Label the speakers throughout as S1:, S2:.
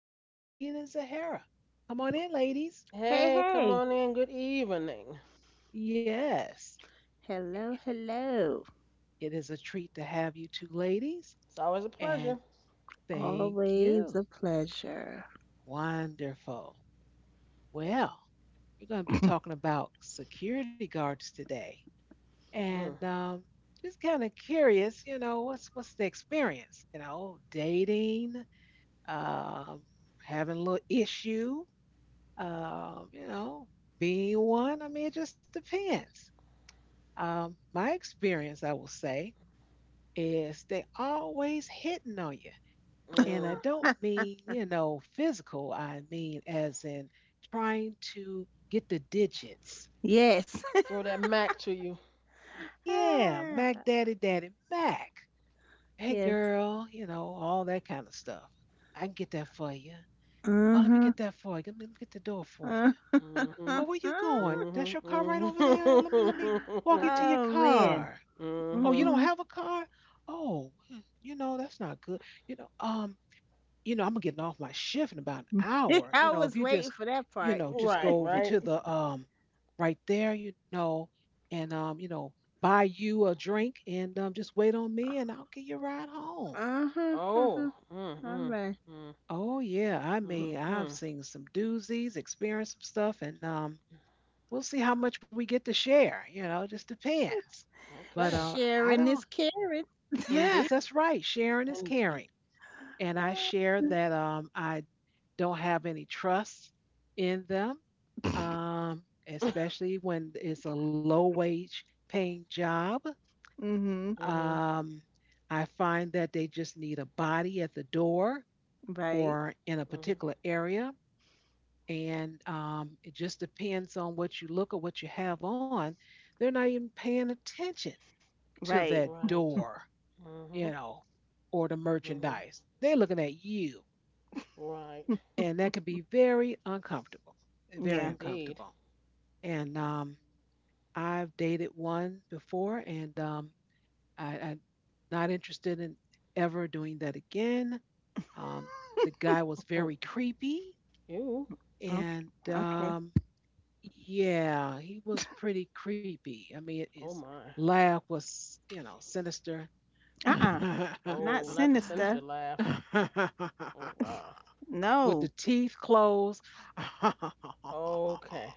S1: have Maxine and Zahara. Come on in, ladies.
S2: Hey,
S3: Hey, come
S2: hey.
S3: on in. Good evening.
S1: Yes,
S2: Hello, hello.
S1: it is a treat to have you two ladies,
S3: It's always a
S1: and
S3: pleasure.
S1: thank
S2: Always
S1: you.
S2: a pleasure.
S1: Wonderful. Well, we're going to be talking about security guards today. And
S3: Mm,
S1: Just kind of curious, you know, what's the experience? You know, dating, um, having a little issue, you know, being one. I mean, it just depends. My experience, I will say, is they always hitting on you. And
S3: mm.
S1: I don't mean, you know, physical. I mean, as in trying to get the digits.
S2: Yes.
S3: Throw that Mac to you.
S1: Yeah,
S2: Ah,
S1: Mac Daddy Daddy Mac. Hey,
S2: yes.
S1: girl, you know, all that kind of stuff. I can get that for you. Oh, let me
S2: Mm-hmm.
S1: get that for you. Let me get the door for you.
S3: Mm-hmm.
S1: Oh, where you going?
S3: Mm-hmm.
S1: That's your car right over there. Let me walk you to
S3: Mm-hmm.
S1: your
S2: Oh, man.
S1: car. Oh, you
S3: mm-hmm.
S1: don't
S2: Mm-hmm.
S1: have a car? Oh, hmm, you know, that's not good. You know, um, you know, I'm getting off my shift in about an hour. You
S2: I
S1: know, if
S2: was
S1: you
S2: waiting
S1: just,
S2: for that
S1: you
S2: part.
S1: know, just
S3: Right,
S1: go over
S3: right.
S1: to the right there, you know, and you know, buy you a drink and just wait on me and I'll get you a ride home.
S2: Uh-huh.
S3: Oh.
S2: Uh-huh. All
S3: Mm-mm.
S2: right.
S3: Mm.
S1: Oh yeah, I mean, I've
S3: Mm-hmm.
S1: seen some doozies, experienced some stuff, and we'll see how much we get to share. You know, it just depends. But
S3: Okay.
S1: I
S2: Sharing is
S1: don't.
S2: caring.
S3: Indeed.
S1: Yes, that's right. Sharing is
S3: Indeed.
S1: caring, and I
S2: Ah.
S1: share that I don't have any trust in them, especially when it's a low wage paying job.
S2: Mm-hmm.
S3: Mm-hmm.
S1: Um, I find that they just need a body at the door
S2: Right.
S1: or in a
S3: Mm-hmm.
S1: particular area. And It just depends on what you look or what you have on. They're not even paying attention to
S2: Right.
S1: that
S3: Right.
S1: door,
S3: Mm-hmm.
S1: you know, or the
S3: Mm-hmm.
S1: merchandise. They're looking at you,
S3: Right.
S1: and that can be very uncomfortable, very
S2: Yeah.
S3: Indeed.
S1: uncomfortable. And I've dated one before, and I'm not interested in ever doing that again. Um, the guy was
S3: Mm.
S1: very creepy,
S3: Ew.
S2: Okay.
S1: and
S2: Okay.
S1: um, yeah, he was pretty creepy. I mean,
S3: Oh
S1: his
S3: my.
S1: laugh was, you know, sinister
S2: Uh-uh. Not
S3: Oh, not the sinister
S2: sinister.
S3: laugh. Oh wow.
S1: with the
S2: No.
S1: teeth closed.
S3: Okay.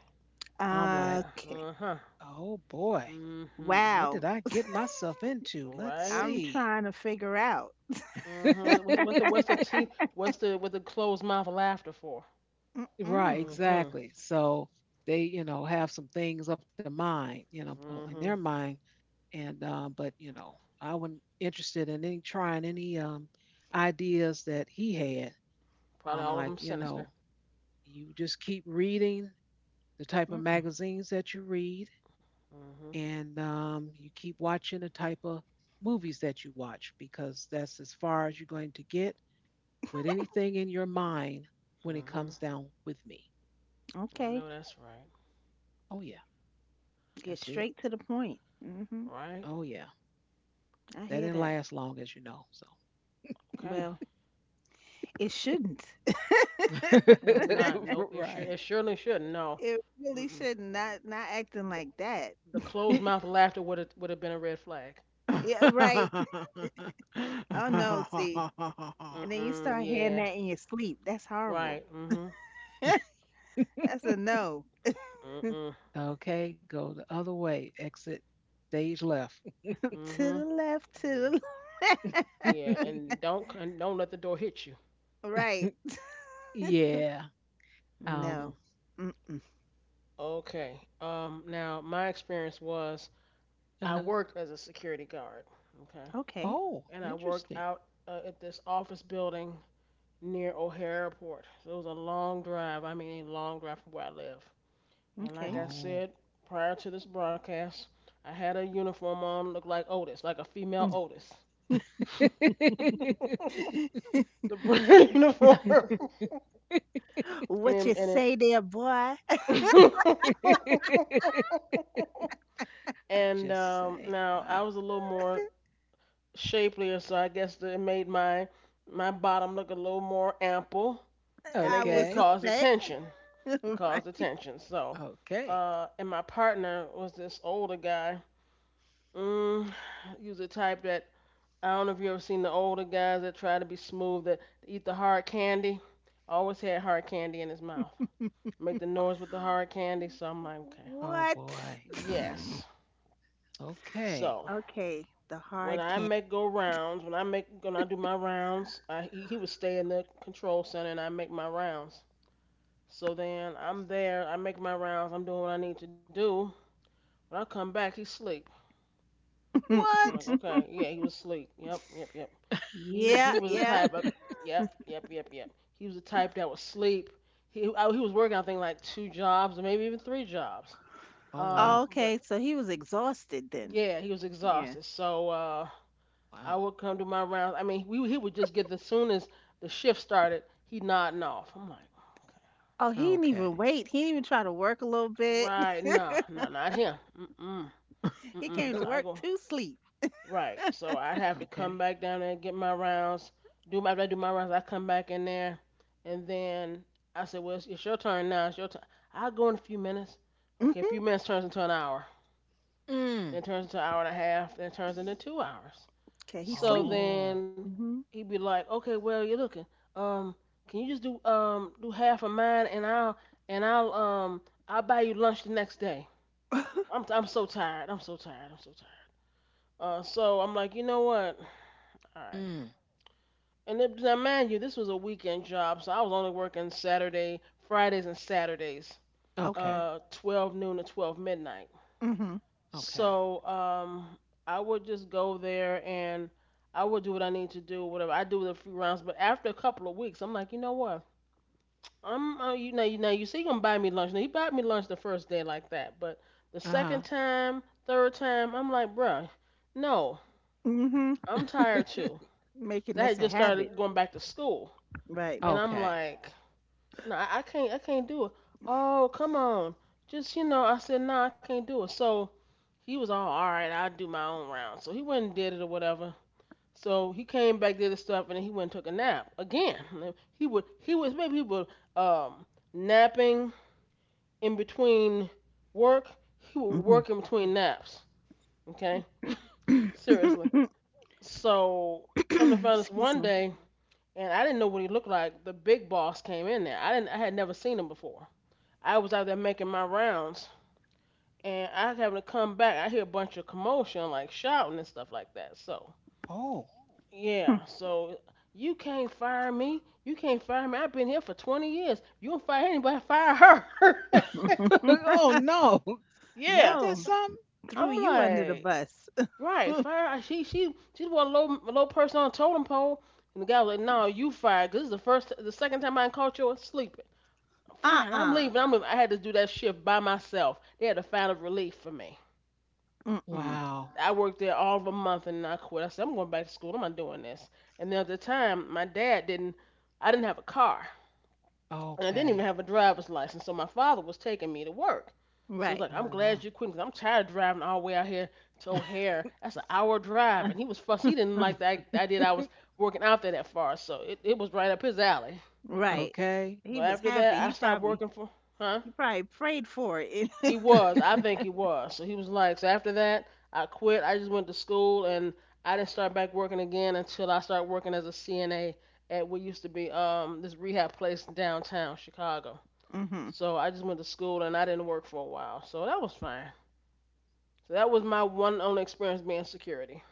S1: I'm like,
S3: Yeah.
S2: Okay.
S3: Uh-huh.
S1: oh boy,
S3: Mm-hmm.
S1: what did
S2: Wow.
S1: I get myself into?
S3: All
S1: Let's
S3: right.
S2: I'm
S1: see.
S2: trying to figure out.
S3: Mm-hmm. What's the teeth? What's the with the closed mouth laughter for?
S1: Right,
S2: Mm-mm.
S3: Mm-hmm.
S1: exactly. So they, you know, have some things up to mind, you know, in their
S3: Mm-hmm.
S1: mind. And, but, you know, I wasn't interested in any trying any ideas that he had.
S3: Probably
S1: I'm
S3: all of
S1: like,
S3: them
S1: you know,
S3: sinister.
S1: you just keep reading the type of
S2: Mm-mm.
S1: magazines that you read,
S3: Mm-hmm.
S1: and you keep watching the type of movies that you watch because that's as far as you're going to get with anything in your mind when it
S3: Mm-hmm.
S1: comes down with me.
S3: I
S2: Okay.
S3: know that's right.
S1: Oh, yeah, that's
S2: Get
S1: it.
S2: straight to the point.
S3: Right.
S1: Oh, yeah.
S2: I
S1: That
S2: hear
S1: didn't
S2: that.
S1: last long, as you know. So,
S3: Okay.
S2: Well, it shouldn't.
S3: Was it not? Nope. It sure. It
S1: right.
S3: surely should. No.
S2: It really
S3: Mm-mm.
S2: shouldn't. Not acting
S3: The,
S2: like that.
S3: the closed mouth laughter would have been a red flag.
S2: Yeah, right. Oh no, see. And then you
S3: Mm-mm.
S2: start hearing
S3: Yeah.
S2: that in your sleep. That's horrible.
S3: Right. Mm-hmm.
S2: That's a no.
S3: Mm-mm.
S1: Okay, go the other way. Exit stage left.
S2: To
S3: Mm-hmm.
S2: the left, to
S3: Yeah.
S2: the
S3: Yeah,
S2: left.
S3: and don't let the door hit you.
S2: Right.
S1: Yeah. Um,
S3: Mhm.
S2: No. Mm-mm.
S3: Okay. Now, my experience was I
S1: uh-huh.
S3: worked as a security guard. Okay.
S2: Okay.
S1: Oh,
S3: And I worked
S1: interesting.
S3: out at this office building near O'Hare Airport. So it was a long drive. I mean, a long drive from where I live. And like
S2: Okay.
S3: I
S1: Oh.
S3: said prior to this broadcast, I had a uniform on, looked like Otis, like a female Otis.
S1: What
S3: The brown uniform. And
S2: What you
S3: it,
S2: say there, boy?
S3: and it.
S1: you
S3: And
S1: say?
S3: Now
S1: Wow.
S3: I was a little more shapelier, so I guess that it made my bottom look a little more ample, and
S2: I
S3: it,
S2: would
S3: it
S1: Okay.
S3: caused
S2: suspect.
S3: attention. It caused
S2: Right.
S3: attention. So,
S1: Okay.
S3: and my partner was this older guy. Mm, he was the type that I don't know if you ever seen the older guys that try to be smooth that eat the hard candy. Always had hard candy in his mouth. Make the
S1: O-
S3: noise with the hard candy. So I'm like, okay,
S1: Oh
S2: What?
S1: boy.
S3: yes.
S1: Okay.
S3: So
S2: Okay, the hard candy.
S3: when I make when I do my rounds, he would stay in the control center and I make my rounds. So then I'm there, I make my rounds, I'm doing what I need to do. When I come back, he's asleep. I'm like,
S1: What?
S3: okay, yeah, he was asleep. Yep, yep, yep. He
S2: Yeah,
S3: he was the
S2: yeah.
S3: type of yep, yep, yep, yep. He was the type that would sleep. He was working I think like two jobs or maybe even three jobs.
S1: Oh
S3: Uh,
S2: Oh,
S1: wow.
S2: okay,
S3: but
S2: so he was exhausted then.
S3: yeah, he was
S2: Yeah.
S3: exhausted. So I
S1: Wow.
S3: would come to my rounds. I mean, we he would just get as soon as the shift started, he nodding off. I'm like, okay,
S2: Oh, he didn't
S1: Okay.
S2: even wait. He didn't even try to work a little bit.
S3: right, no, no, not him. Mm-mm,
S2: He came
S3: mm-mm.
S2: to
S3: So
S1: Okay.
S3: I
S2: work
S3: go
S2: to sleep.
S3: right. So I'd have to come back down there and get my rounds. Do my after I do my rounds, I come back in there, and then I said, well, it's your turn now. It's your turn. I'll go in a few minutes. Okay, a few
S2: hmm
S3: minutes turns into an hour.
S1: Mm.
S3: Then turns into an hour and a half. Then turns into 2 hours.
S2: Okay, he
S3: So
S2: sleep.
S1: Oh.
S3: then
S2: hmm
S3: he'd be like, "Okay, well you're looking. Um, can you just do half of mine and I'll buy you lunch the next day. I'm so tired. I'm so tired. I'm so tired. So I'm like, you know what? All right.
S1: Mm.
S3: And then, now mind you, this was a weekend job, so I was only working Fridays, and Saturdays,
S1: Okay.
S2: Okay.
S3: 12 noon to 12 midnight.
S2: hmm
S1: Okay.
S3: So I would just go there and I would do what I need to do, whatever. I do the free rounds, but after a couple of weeks, I'm like, you know what? I'm you know you see you gonna buy me lunch. Now he bought me lunch the first day like that, but the second
S1: Uh
S3: time, third time, I'm like, bruh, no,
S2: hmm
S1: huh.
S3: I'm tired too.
S2: making
S3: 'Cause I
S2: this
S3: had
S2: a
S3: just
S2: habit,
S3: started going back to school,
S2: right?
S3: and I'm
S1: Okay.
S3: like, no, I can't. I can't do it. Oh, come on. Just you know, I said no, I can't do it. So he was all right. I'll do my own round. So he went and did it or whatever. So he came back, did his stuff, and then he went and took a nap again. He would. Um napping in between work. He would work
S2: hmm
S3: in between naps. Okay, seriously. So come to find us
S2: Excuse
S3: one
S2: me.
S3: day, and I didn't know what he looked like. The big boss came in there. I didn't. I had never seen him before. I was out there making my rounds, and I was having to come back. I hear a bunch of commotion, like shouting and stuff like that. So
S1: Oh.
S3: yeah, so you can't fire me. You can't fire me. I've been here for 20 years. You don't fire anybody. Fire her.
S1: Oh no.
S3: yeah,
S1: Ain't that
S2: No,
S1: something?
S2: threw
S3: I'm
S2: you under the
S3: like
S2: bus.
S3: right. Fire. She she's one low low person on the totem pole. And the guy was like, "No, you fired. Cause this is the second time I done caught you sleeping. Fine, I'm
S2: Uh-uh.
S3: leaving. I'm. Leaving. I had to do that shift by myself. They had to find a final relief for me.
S2: Mm-mm.
S1: Wow.
S3: I worked there all of a month and I quit. I said, I'm going back to school. I'm not doing this. And then at the time, my dad didn't, I didn't have a car and I didn't even
S1: Okay.
S3: have a driver's license. So my father was taking me to work. So it's like,
S2: Right.
S3: I'm
S1: Oh,
S3: glad
S1: wow.
S3: you quit because 'cause I'm tired of driving all the way out here to O'Hare. That's an hour drive. And he was fussed. He didn't like the idea that I was working out there that far. So it was right up his alley.
S2: right.
S1: Okay.
S3: So
S2: He was
S3: after
S2: happy.
S3: that, I
S2: He
S3: started
S2: probably
S3: working for, huh?
S2: he probably prayed for it.
S3: He was. I think he was. So he was like, so after that, I quit. I just went to school and I didn't start back working again until I started working as a CNA at what used to be this rehab place in downtown Chicago.
S2: mhm.
S3: So I just went to school and I didn't work for a while. So that was fine. So that was my one only experience being security.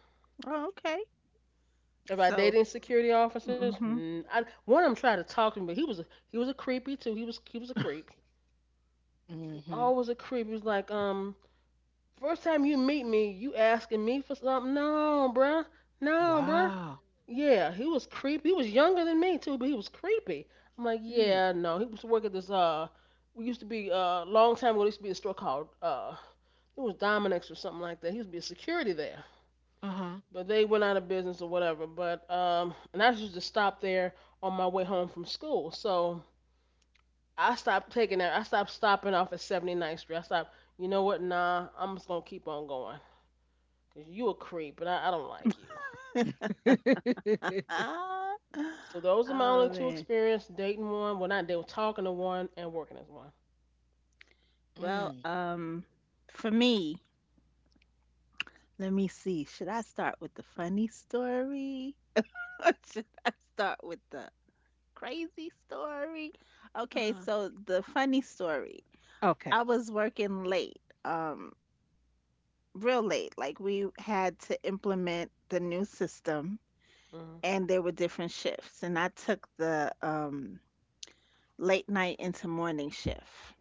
S2: Oh, okay.
S3: If I
S2: So,
S3: dated security officers,
S2: mhm.
S3: mm, one of them tried to talk to me, but he was a creepy too. He was a creep.
S1: Hmm.
S3: Always a creep. He was like, first time you meet me, you asking me for something? No, bruh. No, bruh.
S1: Wow.
S3: Yeah, he was creepy. He was younger than me too, but he was creepy. I'm like,
S1: Mm.
S3: yeah, no. He used to work at this we used to be long time ago. There used to be a store called it was Dominic's or something like that. He used to be a security there,
S1: Uh-huh.
S3: but they went out of business or whatever. But and I used to stop there on my way home from school. So I stopped taking that. I stopped stopping off at 79th Street. I stopped. You know what? Nah, I'm just gonna keep on going. Cause you a creep, but I don't like you.
S2: Uh,
S3: So those are my
S2: oh
S3: only two
S2: man.
S3: experiences dating one, well not dating, talking to one, and working as one.
S2: Well,
S1: Mm.
S2: for me, let me see. Should I start with the funny story or should I start with the crazy story? Okay,
S1: Uh,
S2: so the funny story.
S1: okay.
S2: I was working late, um, real late. Like we had to implement the new system
S3: Mhm.
S2: and there were different shifts. And I took the late night into morning shift.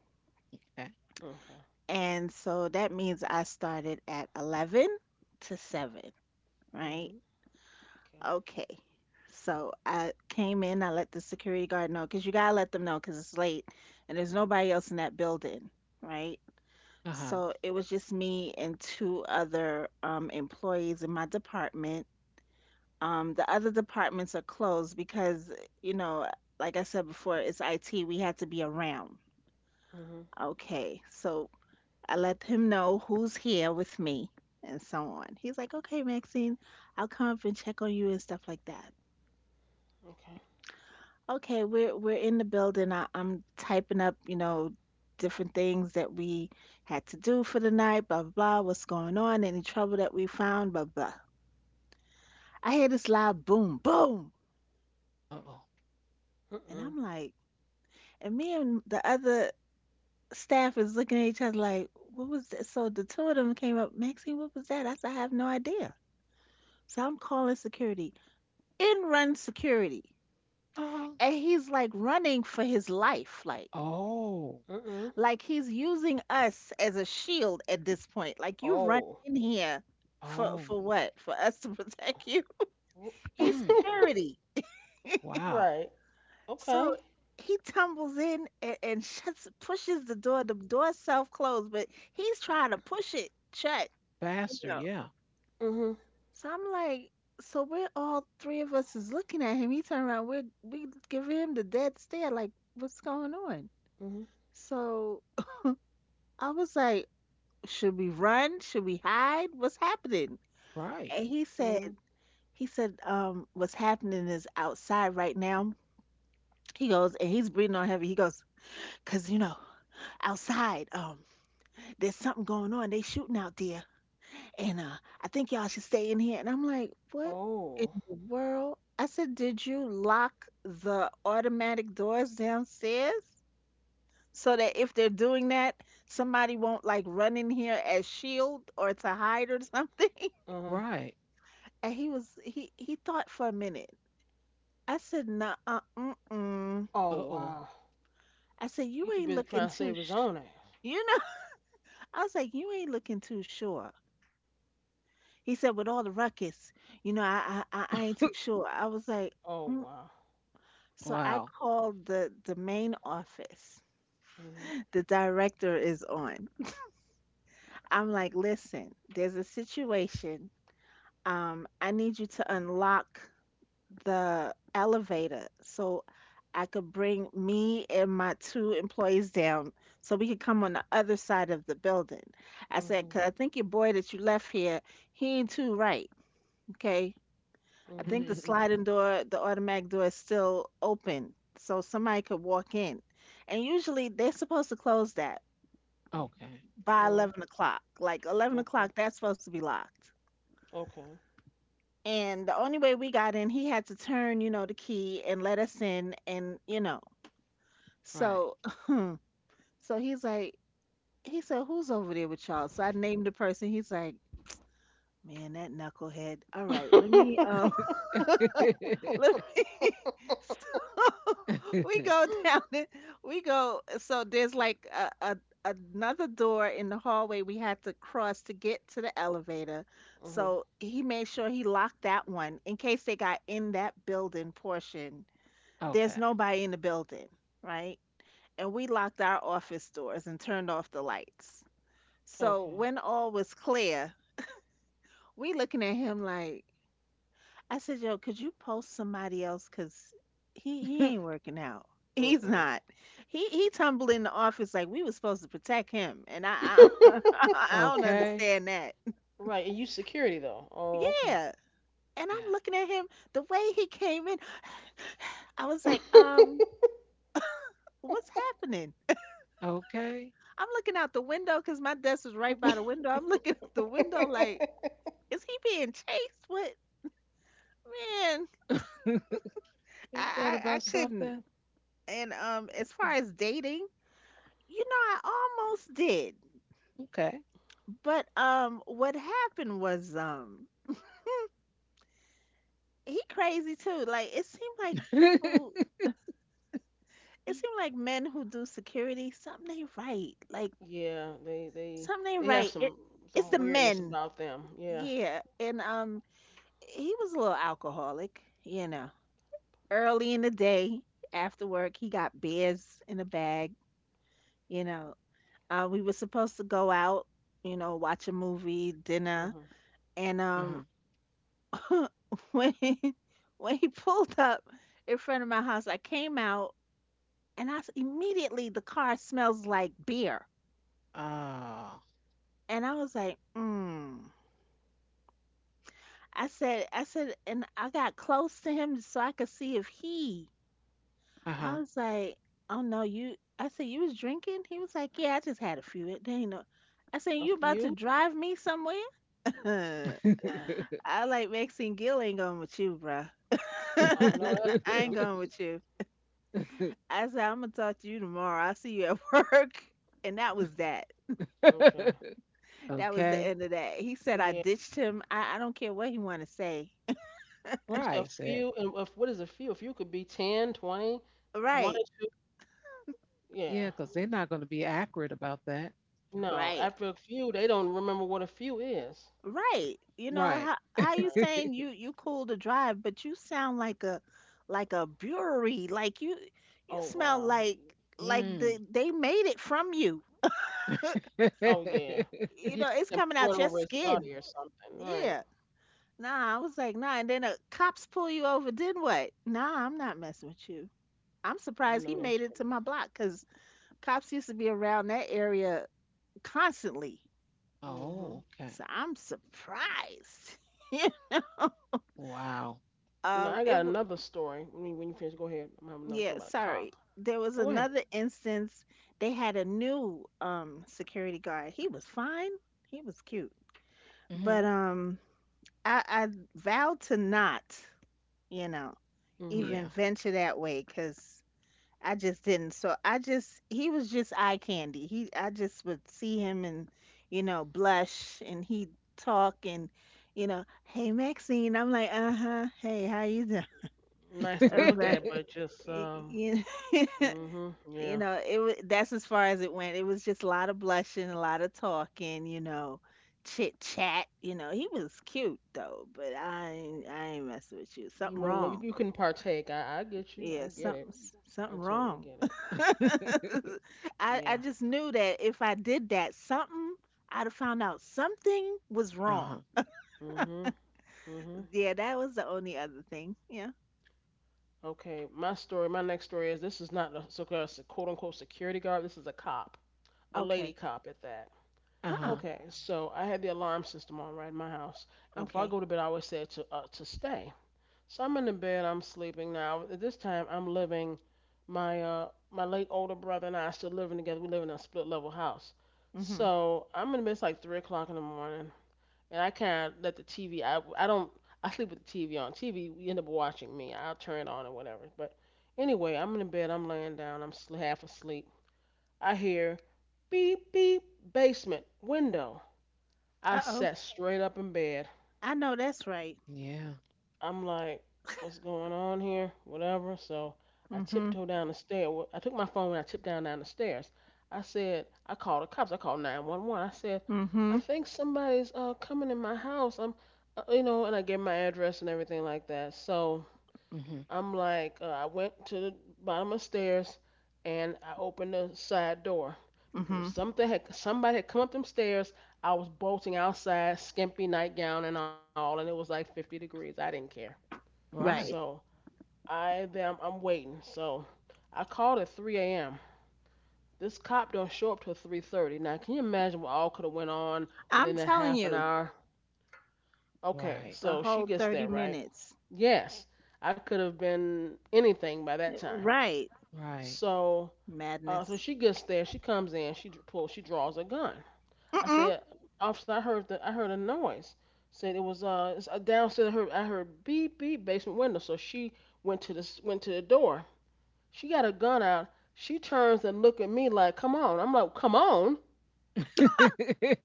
S1: Okay.
S3: Okay.
S2: And so that means I started at 11 to 7, right?
S3: Mhm. Okay.
S2: Okay. So I came in, I let the security guard know because you gotta let them know because it's late and there's nobody else in that building, right?
S1: Uh-huh.
S2: So it was just me and two other employees in my department. The other departments are closed because, you know, like I said before, it's IT. We had to be around.
S3: Mhm.
S2: Okay. So I let him know who's here with me and so on. He's like, okay, Maxine, I'll come up and check on you and stuff like that.
S3: Okay.
S2: Okay, we're in the building. I'm typing up, you know, different things that we had to do for the night, blah blah blah, what's going on, any trouble that we found, blah blah. I hear this loud boom, boom,
S1: Uh-oh.
S3: Mm
S2: and
S3: mm.
S2: I'm like, and me and the other staff is looking at each other like, what was that? So the two of them came up, Maxine, what was that? I said, I have no idea. So I'm calling security. In runs security.
S1: Uh-huh.
S2: And he's like running for his life, like
S1: Oh.
S3: Mm mm.
S2: Like he's using us as a shield at this point. Like you run
S3: Oh.
S2: in here for
S1: Oh.
S2: for what? For us to protect you? He's
S1: Mm.
S2: security.
S1: Wow.
S3: right.
S2: So
S3: Okay.
S2: he tumbles in and shuts pushes the door. The door self closed, but he's trying to push it shut, you
S1: Faster.
S2: know.
S1: Yeah.
S3: Mhm.
S2: So I'm like, so we're all three of us is looking at him. He turned around, we giving him the dead stare, like, what's going on?
S3: Mhm.
S2: So I was like, should we run? Should we hide? What's happening?
S1: Right.
S2: And he said,
S3: Mhm.
S2: what's happening is outside right now. He goes, and he's breathing on heavy. He goes, cause you know, outside, there's something going on. They shooting out there, and I think y'all should stay in here. And I'm like, what in
S3: Oh.
S2: the world? I said, did you lock the automatic doors downstairs so that if they're doing that, somebody won't like run in here as shield or to hide or something?
S3: Mhm.
S1: Right.
S2: And he was he thought for a minute. I said, "Nah, mm-mm."
S3: Oh
S1: Uh-oh.
S3: wow.
S2: I said,
S3: You
S2: "You
S3: too
S2: ain't
S3: busy
S2: looking
S3: trying to
S2: too,
S3: save his
S2: sh-,
S3: own ass.
S2: you know." I was like, "You ain't looking too sure." He said, "With all the ruckus, you know, I ain't too sure." I was like,
S3: Oh
S2: mm.
S3: wow.
S2: "So I
S1: Wow.
S2: called the main office.
S3: Mhm.
S2: The director is on. I'm like, listen, there's a situation. I need you to unlock" the elevator so I could bring me and my two employees down so we could come on the other side of the building. I said,
S3: Mhm.
S2: because I think your boy that you left here, he ain't too right. Okay. I
S3: Mhm.
S2: think the sliding door, the automatic door is still open so somebody could walk in. And usually they're supposed to close that
S1: Okay.
S2: by
S3: Well.
S2: 11 o'clock. Like 11 o'clock,
S3: Okay.
S2: that's supposed to be locked. And the only way we got in, he had to turn, you know, the key and let us in. And, you know,
S1: Right.
S2: so, so he's like, he said, who's over there with y'all? So I named the person. He's like, man, that knucklehead. All right, let me,
S3: Okay.
S2: let me. So we go down it. We go. So there's like a another door in the hallway we had to cross to get to the elevator.
S3: Mhm.
S2: So he made sure he locked that one in case they got in that building portion. There's
S1: Okay.
S2: nobody in the building, right? And we locked our office doors and turned off the lights. So
S3: Okay.
S2: when all was clear, we looking at him like, I said, yo, could you post somebody else? Cause he ain't working out.
S3: Uh
S2: He's
S3: uh.
S2: not. He tumbled in the office like we were supposed to protect him, and I don't
S1: Okay.
S2: understand that.
S3: Right, and you security though. Oh,
S2: Yeah, and
S1: Yeah.
S2: I'm looking at him the way he came in. I was like,
S3: okay.
S2: what's happening?
S1: Okay.
S2: I'm looking out the window because my desk was right by the window. I'm looking out the window like is he being chased? What man? I,
S1: Ain't that
S2: I I
S1: about
S2: couldn't.
S1: something?
S2: And as far as dating, you know, I almost did,
S1: Okay.
S2: but what happened was he crazy too. Like it seemed like people, it seemed like men who do security, something ain't right. Like
S3: Yeah, they they
S2: something ain't
S3: they have
S2: right. It it's
S3: some
S2: the
S3: weirdness
S2: men,
S3: about them. Yeah.
S2: yeah. And he was a little alcoholic, you know. Early in the day, after work, he got beers in a bag you know. We were supposed to go out, you know, watch a movie, dinner,
S3: Mhm.
S2: and
S1: Uh-huh.
S2: when he, when he pulled up in front of my house, I came out and immediately the car smells like beer,
S1: Oh.
S2: and I was like, mm. And I got close to him so I could see if he.
S1: Uh-huh.
S2: I was like, oh no, you. I said, you was drinking. He was like, yeah, I just had a few. It ain't no. I said,
S3: A
S2: you about to
S3: few?
S2: drive me somewhere? Huh.
S3: Right.
S2: I like Maxine Gill ain't going with you, bruh.
S3: I know that's
S2: I ain't
S3: real.
S2: going with you. I said I'm gonna talk to you tomorrow. I'll see you at work. And that was that.
S3: Okay.
S2: That was the
S1: Okay.
S2: end of that. He said I
S3: Yeah.
S2: ditched him. I don't care what he wanna say.
S3: You said a
S1: Right, said.
S3: few, and if, what is a few? A few could be ten, 20, one
S2: Right,
S3: or two. Yeah.
S1: Yeah, because they're not going to be accurate about that.
S3: No,
S2: right,
S3: after a few, they don't remember what a few is.
S2: right. You know,
S1: Right.
S2: how you
S3: Right.
S2: saying you you cool to drive, but you sound like a brewery. Like you
S3: Oh,
S2: smell
S3: wow.
S2: like
S1: Mm.
S2: they made it from you.
S3: Oh yeah, like
S2: You
S3: he
S2: know,
S3: took
S2: it's
S3: it and
S2: coming
S3: poured
S2: out your
S3: over his body
S2: skin.
S3: or something, right?
S2: Yeah. Nah, I was like, nah. And then the cops pull you over. Then what? Nah, I'm not messing with you. I'm
S3: I know
S2: surprised he
S3: that's
S2: made
S3: right.
S2: it to my block because cops used to be around that area constantly.
S1: Oh,
S3: Mhm.
S1: okay.
S2: So I'm surprised. Yeah.
S1: Wow.
S3: Now
S2: um,
S3: I
S2: it
S3: got
S2: w-
S3: another story. When you finish, go ahead. I'm having another
S2: yeah.
S3: story about a
S2: Sorry.
S3: cop.
S2: There was
S3: Oh, go ahead.
S2: another instance. They had a new security guard. He was fine. He was cute.
S1: Hmm.
S2: But um, I vowed to not, you know,
S3: Mhm.
S2: even
S1: Yeah.
S2: venture that way because I just didn't. So I just he was just eye candy. He I just would see him and you know blush and he'd talk and you know hey Maxine I'm like uh huh hey how you doing.
S3: Nice to
S2: I was
S3: look
S2: like,
S3: at, but just.
S2: y- you know,
S3: Mhm.
S2: you
S3: Yeah.
S2: know that's as far as it went. It was just a lot of blushing, a lot of talking, you know chit chat. You know he was cute though, but I ain't messing with you.
S3: You
S2: Something
S3: wouldn't.
S2: wrong.
S3: You couldn't partake. I get you.
S2: Yeah,
S3: I get it. I
S2: something
S3: totally
S2: wrong.
S3: get it.
S2: I
S3: Yeah.
S2: just knew that if I did that, something I'd have found out something was
S1: Uh-huh.
S2: wrong.
S3: Mhm. Mhm.
S2: Yeah, that was the only other thing. Yeah.
S3: Okay. My story. My next story is this is not a so-called quote unquote security guard. This is a cop. A lady
S2: Okay.
S3: cop at that.
S2: Uh-uh.
S1: Uh-huh.
S3: Okay, so I had the alarm system on right in my house, and before I
S2: Okay.
S3: go to bed, I always say to stay. So I'm in the bed, I'm sleeping now. At this time, I'm living my late older brother and I are still living together. We live in a split level house.
S2: Mhm.
S3: So I'm in the bed. It's like 3 o'clock in the morning, and I kind of let the TV. I don't. I sleep with the TV on. TV, you end up watching me. I'll turn it on or whatever. But anyway, I'm in the bed. I'm laying down. I'm half asleep. I hear beep beep basement window. I
S2: Uh-oh.
S3: sat straight up in bed.
S2: I know that's right.
S1: Yeah.
S3: I'm like, what's going on here? Whatever. So I
S2: Mhm.
S3: tiptoed down the stairs. I took my phone and I tipped down the stairs. I said, I called the cops. I called 911. I said, I
S2: Mhm.
S3: think somebody's coming in my house. And I gave my address and everything like that. So
S1: Hmm.
S3: I'm like, I went to the bottom of the stairs and I opened the side door because if
S2: Mhm.
S3: something had somebody had come up them stairs, I was bolting outside, skimpy nightgown and all, and it was like 50 degrees. I didn't care.
S2: Right.
S1: Right.
S3: So I then I'm waiting. So I called at 3 a.m. This cop don't show up till 3:30. Now, can you imagine what all could have went on
S2: I'm
S3: within that
S2: telling
S3: half an
S2: you,
S3: hour? Okay,
S1: Right.
S2: the
S3: so she
S2: whole
S3: gets
S2: 30
S3: there, right?
S2: minutes.
S3: Yes, I could have been anything by that
S2: Eh,
S3: time.
S2: right.
S1: Right.
S3: So so
S2: Madness.
S3: she gets there. She comes in. She pulls. She draws a gun. I
S2: Mm-mm.
S3: said, officer, I heard a noise. Said it was it's downstairs. I heard beep beep basement window. So she went to the door. She got a gun out. She turns and look at me like, come on. I'm like, come on,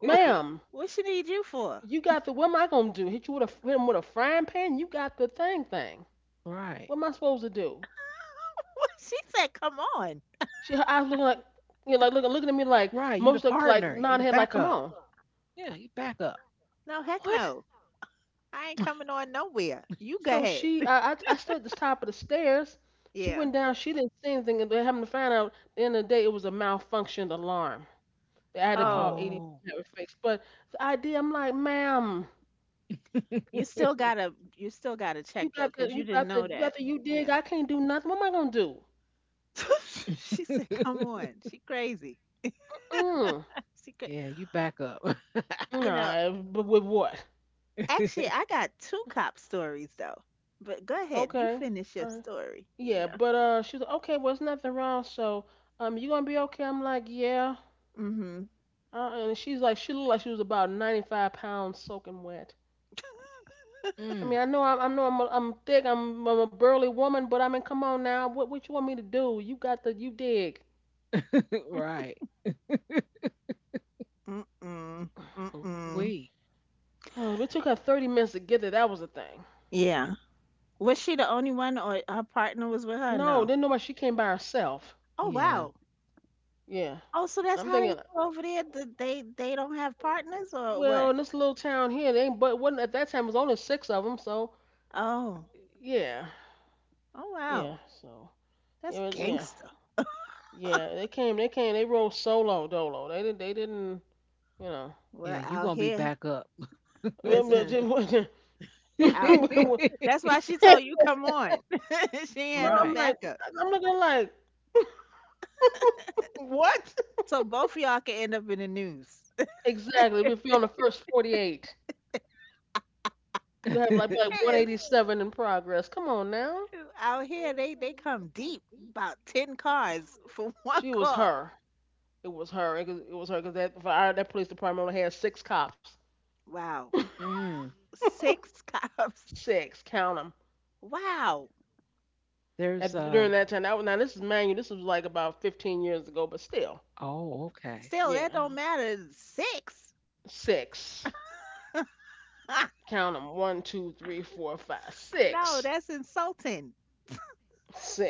S2: What,
S3: ma'am.
S2: what she need you for?
S3: You got the what am I gonna do? Hit him with a frying pan? You got the thing.
S1: Right.
S3: What am I supposed to do?
S2: What she said, "Come on."
S3: She Her eyes looking like like looking at me like
S1: Right, you the
S3: most like
S1: partner, you
S3: nod
S1: the
S3: her head like come
S1: backup.
S3: on.
S1: Yeah, you backup.
S2: No, heck
S3: What?
S2: no. I ain't coming on nowhere. You go
S3: So
S2: ahead.
S3: she, I, I, I stood at the top of the stairs. She
S2: Yeah.
S3: went down. She didn't see anything, and they happened to find out at the end of the day it was a malfunctioned alarm. They had to call
S2: Oh,
S3: 80
S1: Oh.
S3: to have it fixed. But the idea, I'm like, ma'am,
S2: you still gotta check though, cause you didn't know
S3: you
S2: that.
S3: got the, you dig.
S2: Yeah.
S3: I can't do nothing. What am I gonna do?
S2: She said, "Come on, she crazy."
S3: Mm.
S2: She cra
S1: Yeah, you backup.
S2: You know,
S3: Nah, but with what?
S2: actually, I got two cop stories though. But go ahead, you
S3: Okay.
S2: finish your
S3: Alright.
S2: story.
S3: Yeah, but she was like, okay, well, it's nothing wrong. So, you gonna be okay? I'm like, yeah.
S2: Mhm.
S3: And she looked like she was about 95 pounds soaking wet. I
S1: Mm,
S3: mean, I'm thick. I'm a burly woman, but I mean, come on now. What you want me to do? You got you dig.
S1: right.
S2: Mm-mm. Mm-mm.
S1: We.
S3: Oh, it took her 30 minutes to get there. That was the thing.
S2: Yeah. Was she the only one, or her partner was with her?
S3: No,
S2: No.
S3: didn't nobody. She came by herself.
S2: Oh
S1: Yeah.
S2: wow.
S3: Yeah,
S2: Oh, so that's
S3: I'm
S2: how they
S3: thinking.
S2: go over there. They don't have partners or what?
S3: Well, in this little town here, they ain't. But wasn't at that time, it was only six of them. So,
S2: Oh.
S3: yeah,
S2: Oh wow.
S3: yeah. So,
S2: That's
S3: yeah, but yeah,
S2: gangster.
S3: yeah. They came. They rode solo dolo. They didn't. You know.
S1: Yeah,
S2: Well,
S1: you
S2: out
S1: gonna be
S2: here,
S1: backup.
S2: listen, out. That's why she told you come on. She ain't
S3: No,
S2: had no
S1: right.
S3: I'm like,
S2: backup,
S3: I'm looking like, what?
S2: so both of y'all can end up in the news.
S3: Exactly. If you're on the First 48, you gonna have like be like
S2: That is
S3: 187 in progress. Come on now.
S2: true. Out here, they come deep. About ten cars for one
S3: She was
S2: call.
S3: her. It was her. It was her because that police department only had six cops.
S2: Wow,
S1: Mm,
S2: six cops.
S3: Six. Count them.
S2: Wow.
S1: there's
S3: At,
S1: um
S3: during that time, now this is manual. This was like about 15 years ago, but still,
S1: oh, okay.
S2: Still,
S3: yeah,
S2: that don't matter. Six.
S3: six. Count them. One, two, three, four, five,
S2: No,
S3: six,
S2: that's insulting.
S3: six.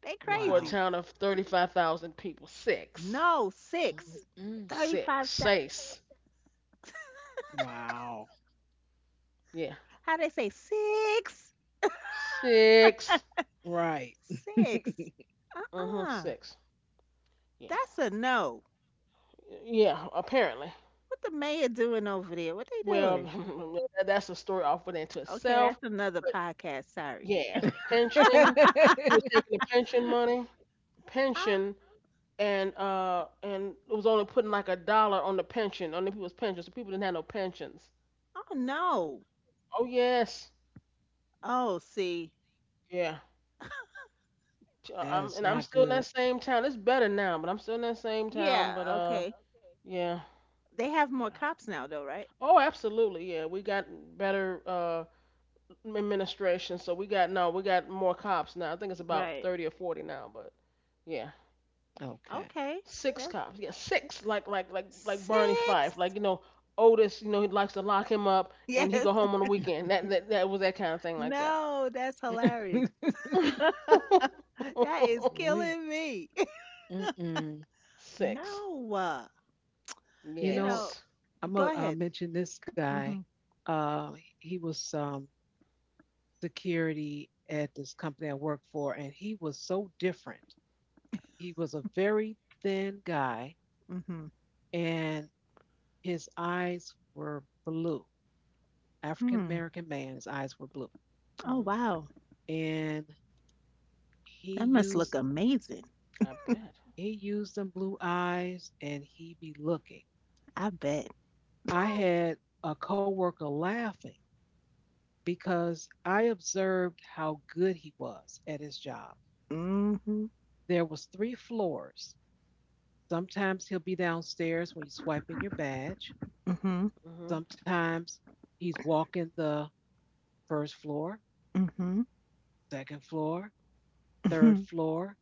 S2: They
S3: For a town of
S1: Wow.
S2: crazy.
S3: 35,000 people. Six.
S2: No,
S1: Mhm,
S2: six.
S1: mm,
S3: Six.
S2: 35.
S3: Sace.
S1: wow.
S3: Yeah.
S2: How they say six?
S3: Six.
S1: Right.
S2: Six.
S3: Uh-huh,
S2: Uh-uh.
S3: six. Yeah.
S2: That's a no.
S3: Yeah, apparently.
S2: What the mayor doing over there? What they
S3: Well,
S2: doing?
S3: that's a story off within to
S2: Okay,
S3: itself.
S2: that's another
S3: But
S2: podcast. Sorry.
S3: yes,
S1: That
S3: the pension, he was taking the pension money,
S2: Ah,
S3: pension, and it was only putting like a dollar on the pension, on the people's pensions. So people didn't have no pensions.
S2: oh no.
S3: Oh yes,
S2: Oh, see.
S3: yeah. T- uh, I'm,
S1: is
S3: and I'm
S1: not
S3: still in that
S1: good.
S3: same town. It's better now, but I'm still in that same town. But
S2: Yeah, okay.
S3: yeah,
S2: They have
S3: yeah.
S2: more cops now though, right?
S3: Oh, absolutely, yeah. We got better administration. So we got no, we got more cops now. I think it's about
S2: Right.
S3: 30 or 40 now, but yeah,
S1: Okay.
S2: Okay.
S3: six
S2: That's,
S3: cops. Yeah, six. Like Barney
S2: six.
S3: Fife. Like you know Otis. You know he likes to lock him up, and he
S2: Yes.
S3: go home on the weekend. That was that kind of thing like that.
S2: No, that's hilarious. That is
S1: We,
S2: killing me.
S1: mm-mm.
S3: Six.
S2: No.
S1: You
S2: You
S1: know,
S2: know,
S3: Yes.
S1: I'm gonna
S2: go ahead.
S1: mention this guy.
S2: Mm-hmm.
S1: Uh, he was security at this company I worked for, and he was so different. He was a very thin guy,
S2: Mm-hmm.
S1: and his eyes were blue. African
S2: Hmm.
S1: American man, his eyes were blue,
S2: Oh
S3: Mhm.
S2: wow.
S1: and he
S2: That must look
S1: used
S2: amazing.
S3: I bet.
S1: he used them blue eyes, and he be looking.
S2: I bet.
S1: I had a coworker laughing because I observed how good he was at his job.
S2: Hmm.
S1: There was three floors. Sometimes he'll be downstairs when you swipe in your badge.
S2: Mhm,
S3: Mhm.
S1: Sometimes he's walking the first floor,
S2: mhm,
S1: second floor, third
S2: mhm.
S1: floor,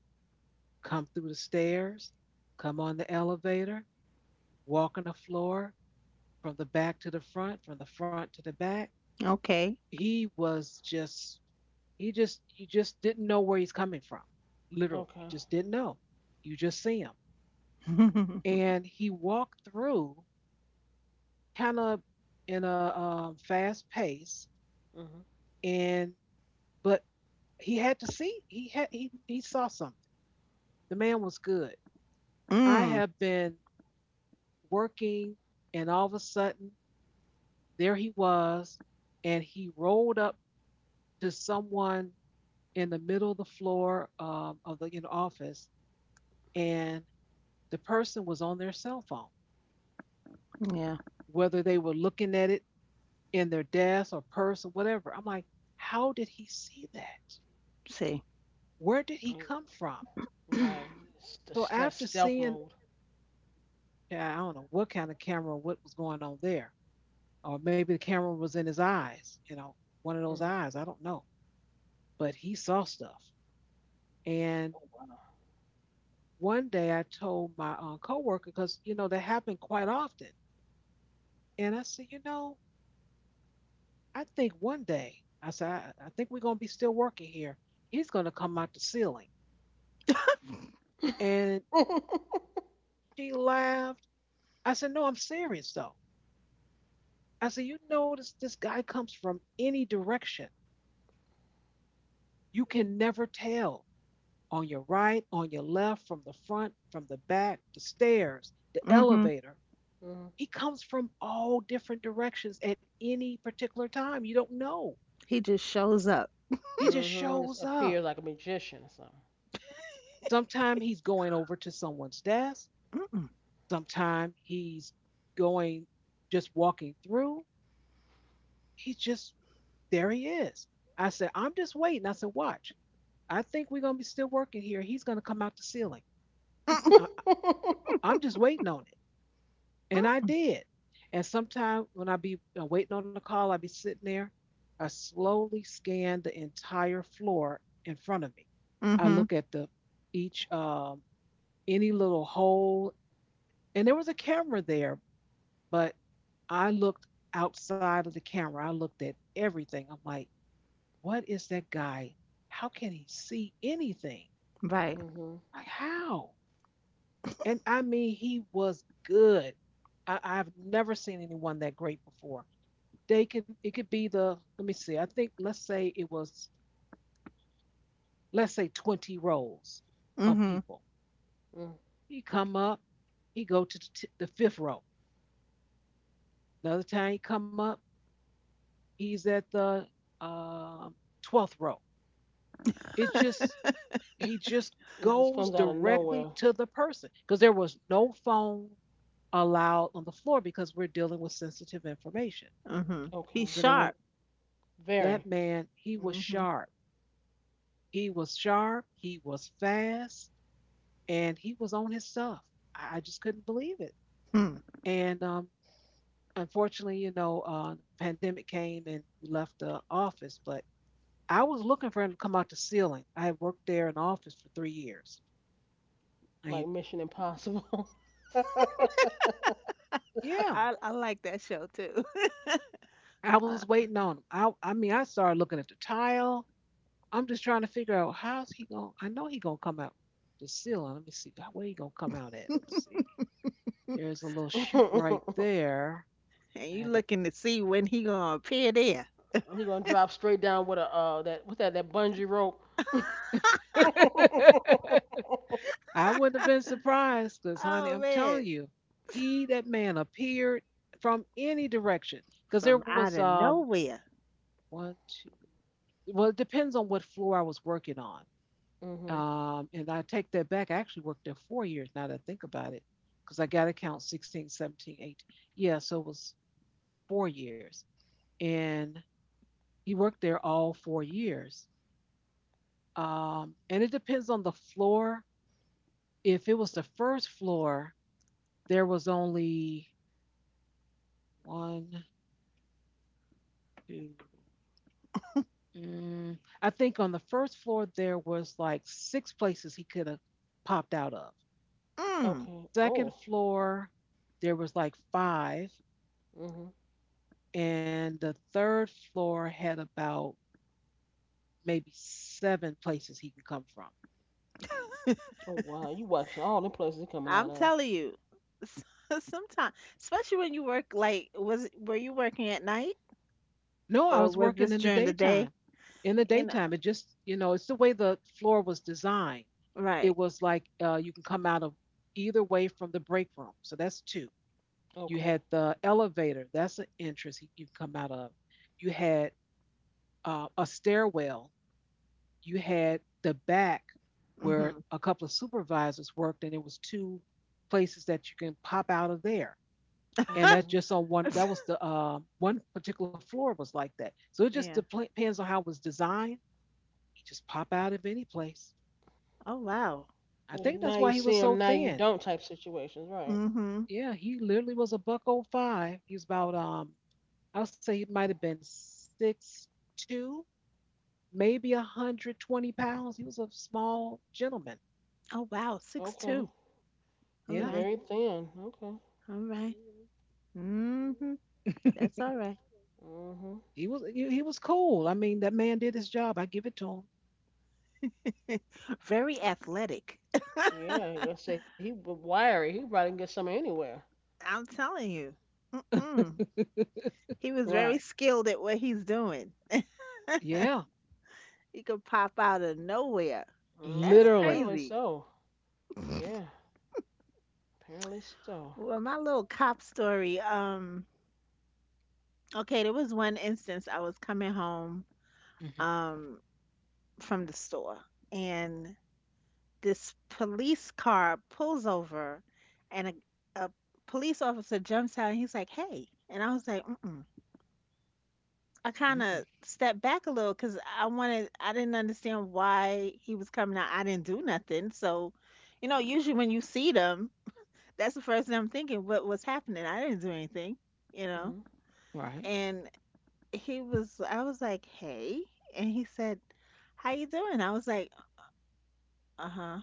S1: come through the stairs, come on the elevator, walk on the floor from the back to the front, from the front to the back.
S2: Okay.
S1: he was just he just you just didn't know where he's coming from, literally, you
S3: Okay.
S1: just didn't know, you just see him, and he walked through kind of in a fast pace,
S3: Mhm.
S1: and but he had to see he had he saw something. The man was good. I
S2: Mm,
S1: have been working, and all of a sudden there he was, and he rolled up to someone in the middle of the floor, of the, you know, office, and the person was on their cell phone,
S2: yeah,
S1: whether they were looking at it in their desk or purse or whatever. I'm like, how did he see that?
S2: see.
S1: Where did he
S3: Mm,
S1: come from?
S3: right.
S1: So
S3: It's the
S1: after
S3: stealth
S1: seeing,
S3: mode.
S1: I don't know what kind of camera, what was going on there, or maybe the camera was in his eyes, you know, one of those
S3: Mhm.
S1: eyes, I don't know, but he saw stuff. And one day I told my coworker because you know that happened quite often, and I said, you know, I think one day, I said, I think we're going to be still working here. He's going to come out the ceiling. And she laughed. I said, no, I'm serious though. I said, you notice this guy comes from any direction. You can never tell, on your right, on your left, from the front, from the back, the stairs, the
S2: Mhm.
S1: elevator.
S3: Mhm.
S1: He comes from all different directions at any particular time. You don't know.
S2: He just shows up.
S1: He just
S3: Mm-hmm.
S1: shows
S3: Just
S1: up.
S3: appears like a magician or
S1: Sometimes he's going over to someone's desk.
S2: Mm-mm,
S1: Sometimes he's going, just walking through. He's just there. He is. I said, I'm just waiting. I said, watch. I think we're gonna be still working here. He's gonna come out the ceiling.
S2: mm-mm,
S3: something.
S1: I, I'm just waiting on it, and I
S2: mm,
S1: did. And sometimes when I be waiting on the call, I be sitting there. I slowly scan the entire floor in front of me. I
S2: Mhm.
S1: look at the each any little hole, and there was a camera there. But I looked outside of the camera. I looked at everything. I'm like, what is that guy? How can he see anything?
S2: Right.
S3: Mm-hmm.
S1: Like, how? And I mean, he was good. I've never seen anyone that great before. They can, it could be the, let me see, I think, let's say it was, let's say 20 rows of
S2: Mhm.
S1: people.
S3: Mm.
S1: He come up, he go to the fifth row. Another time he come up, he's at the um 12th row. It's just he just
S3: It just
S1: goes
S3: comes out of
S1: directly
S3: nowhere.
S1: to the person because there was no phone allowed on the floor because we're dealing with sensitive information.
S2: Mhm. He's
S1: So they
S3: Okay.
S1: want
S2: sharp.
S1: that
S3: Very
S1: man, he was
S2: Mhm.
S1: sharp. He was sharp, he was fast, and he was on his stuff. I just couldn't believe it.
S2: Hmm.
S1: And unfortunately, you know, the pandemic came and we left the office, but I was looking for him to come out the ceiling. I had worked there in the office for 3 years. I,
S3: Like Mission Impossible. He
S1: yeah,
S2: I like that show too.
S1: I
S2: Uh,
S1: was waiting on him. I mean, I started looking at the tile. I'm just trying to figure out how's he gonna. I know he gonna come out the ceiling. Let me see where he gonna come out at. Let's see. There's a little chute right there,
S2: and you
S1: and
S2: looking to see when he gonna appear there.
S3: gonna drop straight down with a, that, what's that bungee rope.
S1: it, I wouldn't have been surprised, cause honey,
S2: Oh
S1: I'm telling
S2: man.
S1: you, he that man appeared from any direction, cause there
S2: From
S1: was
S2: out of nowhere.
S1: one two. Well, it depends on what floor I was working on.
S3: Hmm.
S1: And I take that back. I actually worked there 4 years now that I think about it, because I got to count 16, 17, 18. Yeah, so it was 4 years. And he worked there all 4 years. And it depends on the floor. If it was the first floor, there was only one, two, mm, I think on the first floor, there was like six places he could have popped out of.
S2: Mm.
S3: Okay.
S1: Second
S3: Oh.
S1: floor, there was like five,
S3: Hmm.
S1: and the third floor had about maybe seven places he could come from.
S3: Oh wow. You watching all the places he coming
S2: I'm
S3: out of.
S2: telling you, sometimes, especially when you work, like, was were you working at night
S1: No, I was
S2: or was
S1: working in the
S2: this during the
S1: daytime.
S2: day?
S1: In the
S2: You know,
S1: daytime, it just, you know, it's the way the floor was designed.
S2: right?
S1: It was like you can come out of either way from the break room. So that's two. You
S3: Okay.
S1: had the elevator, that's an entrance you come out of. You had a stairwell. You had the back where
S2: Hmm.
S1: a couple of supervisors worked, and it was two places that you can pop out of there. And that's
S3: Hmm.
S1: just on one. That was the one particular floor was like that, so it just
S2: Yeah.
S1: depends on how it was designed. He just pop out of any place.
S2: Oh wow.
S1: I think
S3: Now
S1: that's
S3: you
S1: why he
S3: see
S1: was so
S3: him, now you
S1: thin.
S3: don't type situations, right?
S2: Hmm.
S1: Yeah, he literally was a buck oh five. He was about I would say he might have been 6'2", maybe 120 pounds. He was a small gentleman.
S2: Oh wow. 6'2".
S3: Okay.
S2: All
S1: Yeah.
S3: You're
S2: right.
S3: very thin. Okay.
S2: All right. Mm-hmm. That's all right.
S3: Mhm.
S1: He was cool. I mean, that man did his job. I give it to
S2: Very athletic.
S3: Yeah, like I said, he wiry. He probably can get some anywhere.
S2: I'm telling you.
S1: him.
S2: Mm-mm. He was very
S1: Right.
S2: skilled at what he's doing.
S1: Yeah,
S2: He could pop out of nowhere. That's
S3: Mm,
S1: literally.
S3: apparently
S2: crazy.
S3: so. Yeah, apparently so.
S2: Well, my little cop story. Okay, there was one instance I was coming home
S1: Mhm.
S2: um from the store and this police car pulls over and a police officer jumps out and he's like, "Hey." And I was like, "Mm-mm." I kind
S1: Mm-mm.
S2: of stepped back a little cuz I didn't understand why he was coming out. I didn't do nothing. So, you know, usually when you see them, that's the first thing I'm thinking, what was happening? I didn't do anything, you know.
S3: Mhm.
S1: Right.
S2: And he was I was like, "Hey." And he said, "How you doing?" I was like, "Uh-huh.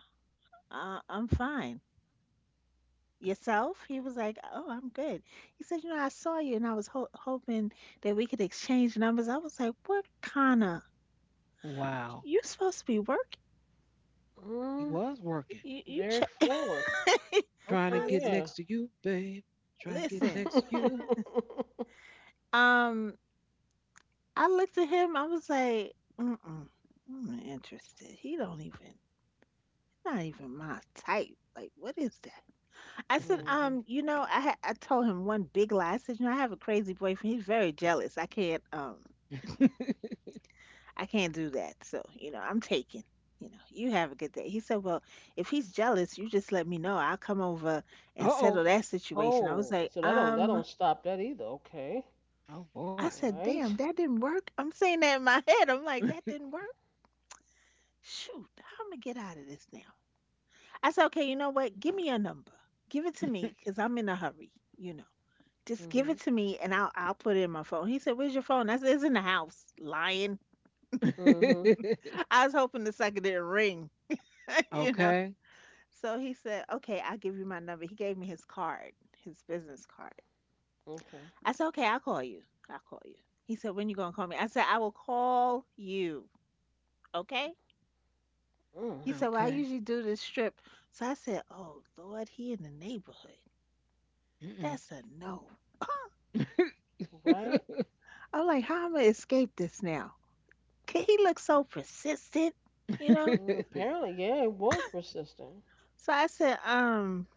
S2: I'm fine. Yourself?" He was like, "Oh, I'm good." He said, "You know, I saw you and I was ho hoping that we could exchange numbers." I was like, "What kind of
S1: Wow.
S2: you supposed to be working?
S1: He
S3: Mm,
S1: was working.
S2: You
S3: very
S2: check."
S3: forward.
S2: I
S1: Trying to
S3: Okay,
S1: get
S2: was
S3: yeah.
S1: next to you, babe.
S2: like,
S1: Trying to get
S2: "Listen."
S1: next to you.
S2: Um, I looked at him. I was like, "Mm-mm. I'm not interested. He don't even not even my type. Like, what is that?" I said,
S3: Mhm.
S2: you know, I told him one big lie. I said, you know, I have a crazy boyfriend. He's very jealous. I can't do that. So, you know, I'm taking. You know, you have a good day. He said, well, if he's jealous, you just let me know. I'll come over and
S1: Uh-oh.
S2: settle that situation. I was
S3: Oh,
S2: like,
S3: so that don't stop that either. Okay.
S1: Oh boy.
S2: I said, damn,
S3: Right.
S2: that didn't work. I'm saying that in my head. I'm like, that didn't work. Shoot, how am I get out of this now? I said, okay, you know what? Give me your number. Give it to me because I'm in a hurry. You know. "Just give it
S3: Mhm.
S2: to me and I'll put it in my phone." He said, "Where's your phone?" I said, "It's in the house." Lying.
S3: Mhm.
S2: I was hoping the sucker didn't ring, you know.
S1: Okay.
S2: So he said, "Okay, I'll give you my number." He gave me his card, his business card.
S3: Okay.
S2: I said, "Okay, I'll call you. I'll call you." He said, "When you gonna call me?" I said, "I will call you." Okay.
S3: Mm.
S2: He said, "Well, I
S1: Okay.
S2: usually do this trip." So I said, "Oh Lord, he in the neighborhood.
S1: Mm-mm.
S2: That's a no."
S3: Right.
S2: I'm like, "How am I gonna escape this now?" 'Cause he looks so persistent, you know.
S3: Mm, apparently, yeah, it was persistent.
S2: So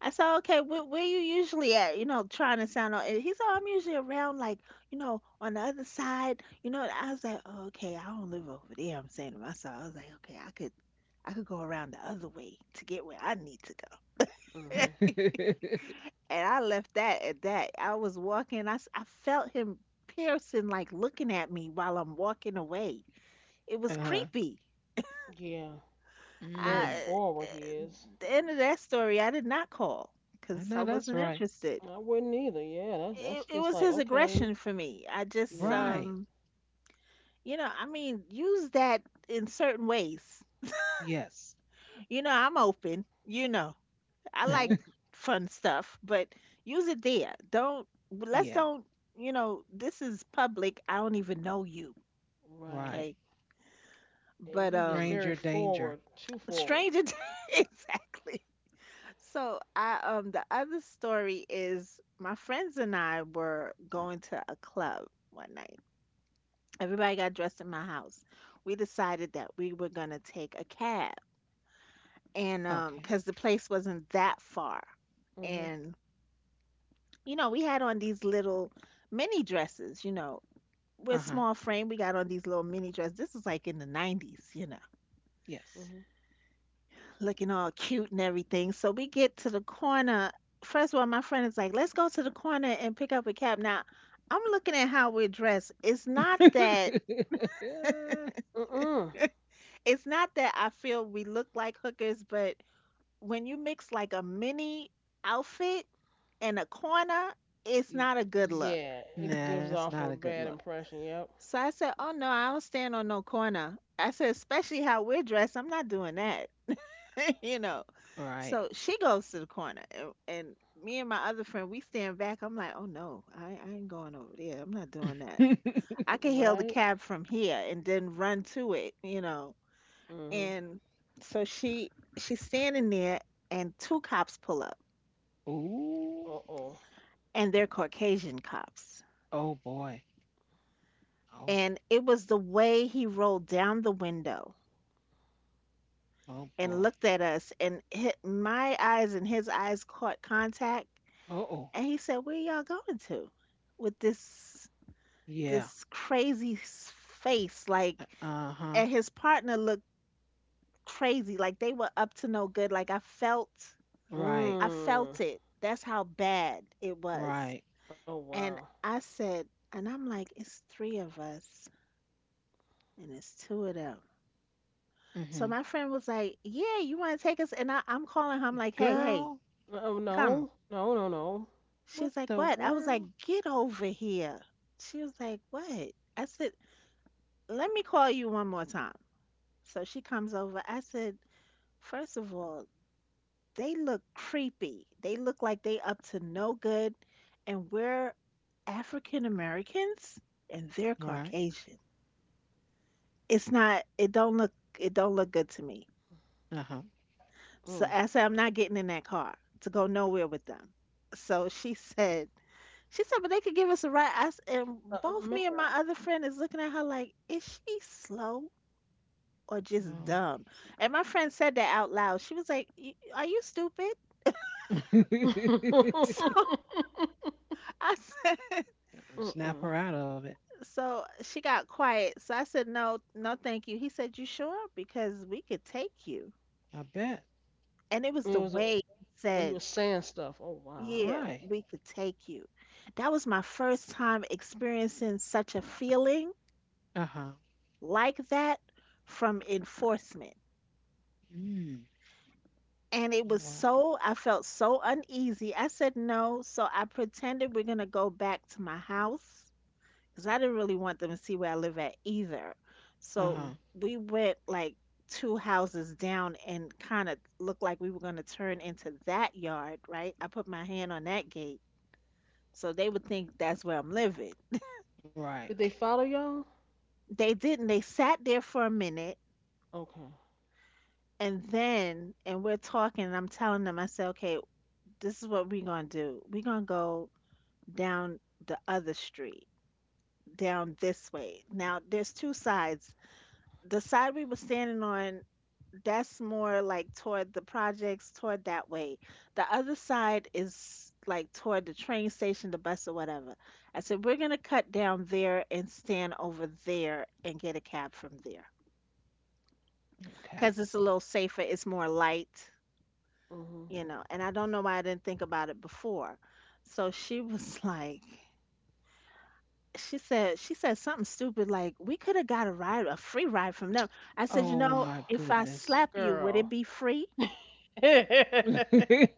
S2: I said, okay, where you usually at? You know, trying to sound all. And he said, "Oh, I'm usually around, like, you know, on the other side. You know, and I was like, oh, okay, I don't live over there. I'm saying to myself, I was like, okay, I could go around the other way to get where I need to go.
S3: Mhm.
S2: And I left that at that. I was walking. I felt him piercing, like looking at me while I'm walking away. It was
S1: uh,
S2: creepy.
S3: Yeah. Very
S1: mm.
S2: I, uh,
S3: forward he is.
S2: the end of that story, I did not call
S1: I
S2: because I
S1: know that's
S2: wasn't
S1: right.
S2: interested.
S3: I wouldn't either. Yeah, that's that's
S2: It
S3: just
S2: was
S3: like
S2: his
S3: okay.
S2: aggression for me. I just
S1: Right.
S3: Yeah,
S2: you know, I mean, use that in certain ways.
S1: Yes.
S2: You know, I'm open, you know. I like
S3: right,
S2: fun stuff, but use it there. Don't let's
S1: Yeah.
S2: don't, you know, this is public. I don't even know you,
S3: right.
S1: Right.
S2: okay?
S3: And
S2: But
S3: you just
S1: Stranger
S3: very
S1: danger.
S3: forward, too forward.
S2: stranger t- exactly. So, I the other story is my friends and I were going to a club one night everybody got dressed in my house. We decided that we were gonna take a cab, and
S1: Okay.
S2: because the place wasn't that far,
S3: Mhm,
S2: and you know, we had on these little mini dresses. You know, we're
S1: Uh-huh.
S2: small frame. We got on these little mini dresses. This is like in the '90s, you know,
S3: mhm.
S1: Yes.
S2: looking all cute and everything. So we get to the corner. First of all, my friend is like, "Let's go to the corner and pick up a cab." Now, I'm looking at how we're dressed. It's not that.
S3: Mm-mm.
S2: It's not that I feel we look like hookers, but when you mix like a mini outfit and a corner, it's not
S1: Y-
S2: a good look.
S3: Yeah, it gives
S1: Nah, it's
S3: off a
S1: not a good
S3: bad
S1: look.
S3: impression. Yep.
S2: So I said, oh no, I don't stand on no corner. I said, especially how we're dressed, I'm not doing that. you know. So
S1: Right.
S2: she goes to the corner and me and my other friend, we stand back. I'm like, oh no, I ain't going over there. I'm not doing that. I can hail the
S3: Right.
S2: cab from here and then run to it, you know.
S3: Mhm.
S2: And so she's standing there and two cops pull up
S3: Uh
S1: Ooh.
S3: oh.
S2: and they're Caucasian cops.
S1: Oh boy. Oh.
S2: And it was the way he rolled down the window
S1: Oh
S2: and
S1: boy.
S2: looked at us and hit my eyes and his eyes caught contact
S1: Oh.
S2: and he said where y'all going to with
S1: Yeah.
S2: this crazy s- face like
S1: Uh
S2: and
S1: huh.
S2: his partner looked crazy like they were up to no good like
S1: Right.
S2: I
S3: Mm.
S2: felt it that's how bad it was
S1: Right.
S3: Oh wow.
S2: and I said and I'm like it's three of us and it's two of them. So
S1: Mm-hmm.
S2: my friend was like, "Yeah, you want to take us?" And I'm calling her. I'm like, "Hey, hey,
S1: Girl.
S3: Oh
S2: come."
S3: no, no, no, no.
S1: What
S2: She's like,
S1: the
S2: "What?" I was
S1: world?
S2: like, "Get over here." She was like, "What?" I said, "Let me call you one more time." So she comes over. I said, "First of all, they look creepy. They look like they up to no good, and we're African Americans, and they're
S1: Right.
S2: Caucasian. It's not. It don't look. It don't look good to me."
S1: Uh huh.
S3: Mm.
S2: So I said, I'm not getting in that car to go nowhere with them. So she said, but they could give us a ride. I s and both
S3: Matt.
S2: me and my other friend is looking at her like, is she slow or just
S1: Oh.
S2: dumb? And my friend said that out loud. She was like, "Y- are you stupid? So I said,
S1: Snap
S3: Mm-mm.
S1: her out of it.
S2: so she got quiet. So I said, no, no, thank you. He said, you sure? Because we could take you.
S1: I bet.
S2: And it was
S3: It
S2: the
S3: was a,
S2: way he
S3: well, he
S2: said
S3: was saying stuff. Oh wow.
S2: yeah,
S1: Right.
S2: we could take you. That was my first time experiencing such a feeling
S1: Uh huh.
S2: like that from enforcement.
S1: Mm.
S2: And it
S1: Oh
S2: was
S1: wow.
S2: so, I felt so uneasy. I said no, so I pretended we're going to go back to my house because I didn't really want them to see where I live at either.
S1: Uh
S2: So
S1: huh.
S3: Mhm.
S2: we went like two houses down and kind of looked like we were going to turn into that yard, right? I put my hand on that gate so they would think that's where I'm living.
S1: Right.
S3: Did they follow y'all?
S2: They didn't. They sat there for a minute
S3: Okay.
S2: and then, and we're talking, and I'm telling them, I said, okay, this is what we're going to do. We're going to go down the other street, down this way. Now, there's two sides. The side we were standing on, that's more like toward the projects, toward that way. The other side is like toward the train station, the bus, or whatever. I said, we're going to cut down there and stand over there and get a cab from there.
S1: Okay.
S2: 'Cause it's a little safer, it's more light,
S3: Mhm.
S2: and I don't know why I didn't think about it before. So she was like, she said something stupid like, "We could have got a ride, a free ride from them." I said, "You
S1: Oh
S2: know,
S1: my
S2: if I
S1: goodness.
S2: slap you, would it
S3: Girl.
S2: be free?"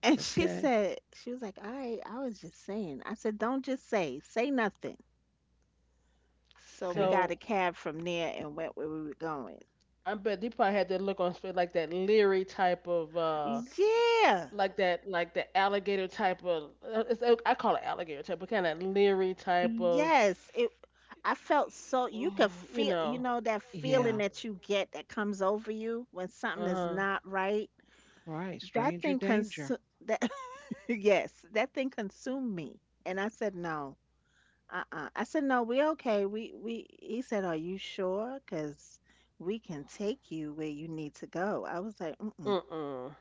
S2: And she
S1: Okay.
S2: said she was like, "All right, I was just saying." I said, "Don't just say, say nothing." So we
S1: Okay.
S2: got
S3: So
S2: a cab from there and went where we were going.
S3: I bet he probably had that look on his face, like that leery type of,
S2: Yeah.
S3: like that, like the alligator type of. I call it alligator type, but kind of leery type of,
S2: Yes. It I felt so you could
S3: you
S2: feel,
S3: know.
S2: that feeling
S1: Yeah.
S2: that you get that comes over you when something
S3: Uh
S2: is
S3: huh.
S2: not right.
S1: Right.
S2: That
S1: Stranger
S2: thing
S1: danger.
S2: consu. That yes, that thing consumed me. And I said no. Uh-uh. I said no, we okay. We he said, "Are you sure? Cause we can take you where you need to go." I was like, "Mm-mm."
S3: Uh uh.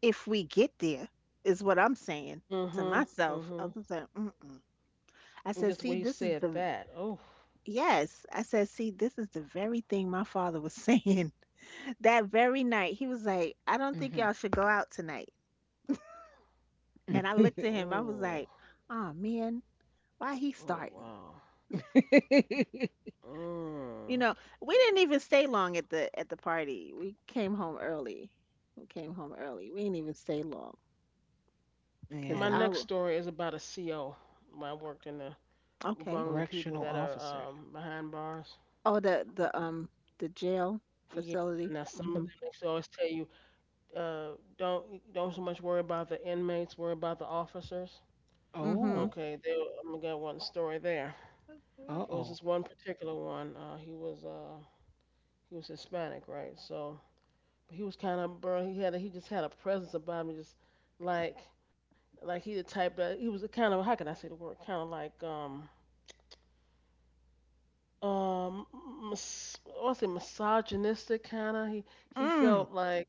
S2: If we get there is what I'm saying to
S3: Mm-hmm.
S2: myself. I
S3: Mm-hmm.
S2: was like, "Mm-mm." I
S3: And
S2: said,
S3: just the
S2: "See,
S3: way he
S2: this is
S3: said
S2: the
S3: that. Oh.
S2: Yes. I said, see, this is the very thing my father was saying that very night. He was like, I don't think y'all
S1: Hmm.
S2: should go out tonight. And I looked at him, I was like,
S3: Oh.
S2: oh man, why he
S3: Oh
S2: starting?
S3: wow. Mm.
S2: You know, we didn't even stay long at the party. We came home early. We came home early. We didn't even stay long. Cause
S3: My
S2: I
S1: Yeah.
S3: next
S2: w-
S3: story is about a CO. When I worked in the
S2: okay.
S3: among the people
S1: Correctional
S3: that are
S1: officer.
S3: behind bars.
S2: Oh, the
S3: Okay.
S2: the jail
S3: Yeah.
S2: facility.
S3: Now some of them
S2: Mm-hmm.
S3: actually always tell you, don't so much worry about the inmates, worry about the officers.
S2: Mm-hmm.
S1: Oh.
S3: Okay, I'm gonna get one story there.
S1: Uh
S3: It was
S1: oh.
S3: this one particular one. He was Hispanic, right? But he was kind of bro. He just had a presence about him, just like like he the type that he was a kind of, how can I say the word? Kind of like um I want to say misogynistic kind of. He
S2: Mm.
S3: felt like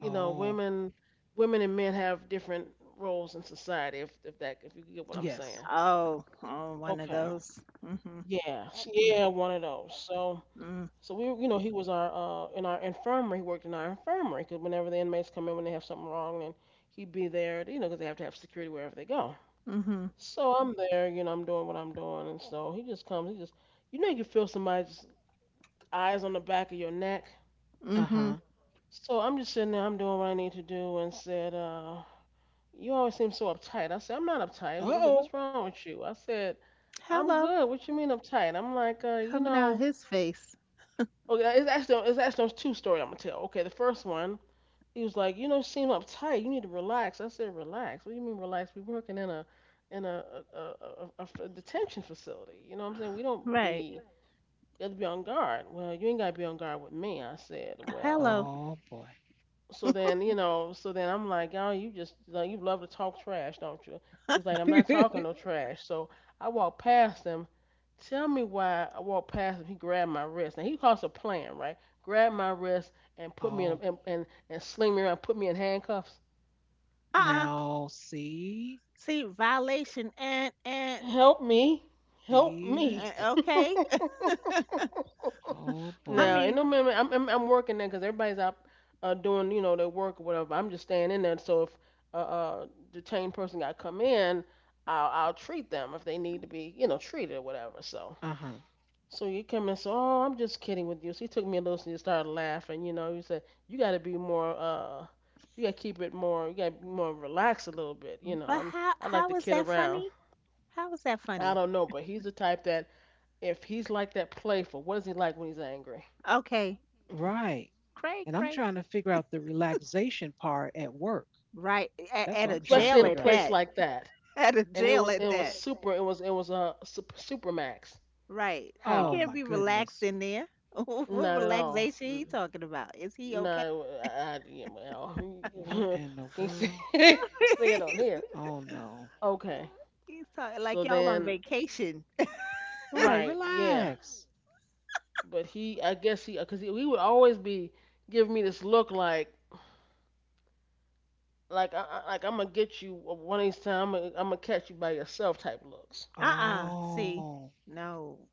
S3: you know
S1: Oh.
S3: women and men have different roles in society. If you get what I'm
S1: Yes.
S3: saying.
S2: Oh, oh, one of
S3: Okay.
S2: those. Mm-hmm.
S3: Yeah. Yeah. One of those. So
S2: Mm.
S3: so we you know he was our in our infirmary. He worked in our infirmary because whenever the inmates come in when they have something wrong, then he'd be there. You know because they have to have security wherever they go.
S2: Mhm.
S3: So I'm there. You know I'm doing what I'm doing, and so he just comes. He just you know you can feel somebody eyes on the back of your neck.
S1: Uh huh.
S2: Mhm.
S3: So I'm just sitting there, I'm doing what I need to do, and said, you always seem so uptight. I said, I'm not
S1: Uh
S3: uptight. I said,
S1: oh.
S3: what's wrong with you? I said, I'm
S2: Hello.
S3: good. What you mean uptight? I'm like,
S2: Coming out his face.
S3: okay, it's actually there's two-story I'm going to tell. Okay, the first one, he was like, you don't seem uptight. You need to relax. I said, relax? What do you mean relax? We working in a in a, detention facility. You know what I'm saying? We don't
S2: Right.
S3: be, You have to be on guard. Well, you ain't got to be on guard with me. I said, well,
S2: Hello.
S1: Oh boy.
S3: so then, so then I'm like, oh, you just like you love to talk trash, don't you? He was like, I'm not talking no trash. So I walked past him. Tell me why I walked past him. He grabbed my wrist. Now he calls a plan, right? Grabbed my wrist and put me in a,
S1: Oh.
S3: and sling me around, put me in handcuffs.
S2: Uh-uh.
S1: Now see.
S2: See, violation and
S3: Help me, help
S1: See.
S3: me.
S2: okay.
S1: Oh
S2: I
S3: Now,
S1: boy.
S3: and
S2: mean,
S3: no man, I'm working there because everybody's out doing their work or whatever. I'm just staying in there. So if uh, uh the chain person got to come in, I'll treat them if they need to be treated or whatever. So
S1: Uh huh.
S3: you come in and say, oh, I'm just kidding with you. So he took me a little and he started laughing. You know, he said you got to be more you got to keep it more you got to be more relaxed a little bit. You know,
S2: but how
S3: I like
S2: how
S3: to
S2: is
S3: kid
S2: that
S3: around.
S2: funny? How is that
S3: I
S2: funny?
S3: don't know, but he's the type that if he's like that playful, what is he like when he's angry?
S2: Okay.
S1: Right.
S2: Cray
S1: And I'm
S2: cray.
S1: trying to figure out the relaxation part at work.
S2: Right. At,
S1: That's
S2: at
S1: what
S2: a
S1: I'm trying to
S3: Especially
S2: jail
S3: in a
S1: figure
S2: at
S1: out.
S3: place
S2: that.
S3: like that.
S2: At a
S3: And it
S2: jail
S3: was
S2: at
S3: it was
S2: that.
S3: super. It was a super, super max.
S2: Right. You
S1: Oh
S3: How?
S1: my
S2: can't be
S1: goodness.
S2: relaxed in there. What
S3: Not at all.
S2: relaxation he talking about? Is he okay?
S3: No, I yeah, well,
S1: What
S3: I
S1: in the
S3: can't say
S1: world?
S3: say it on here.
S2: he's,
S1: Oh no.
S3: Okay.
S2: he's talking like
S3: So
S2: y'all on
S3: then,
S2: vacation.
S1: Right,
S3: right, yeah.
S1: relax.
S3: But he, I guess he, because he would always be giving me this look like, like I'm gonna get you one of these times. I'm gonna catch you by yourself type looks.
S2: Uh-uh. See,
S1: Oh,
S2: no.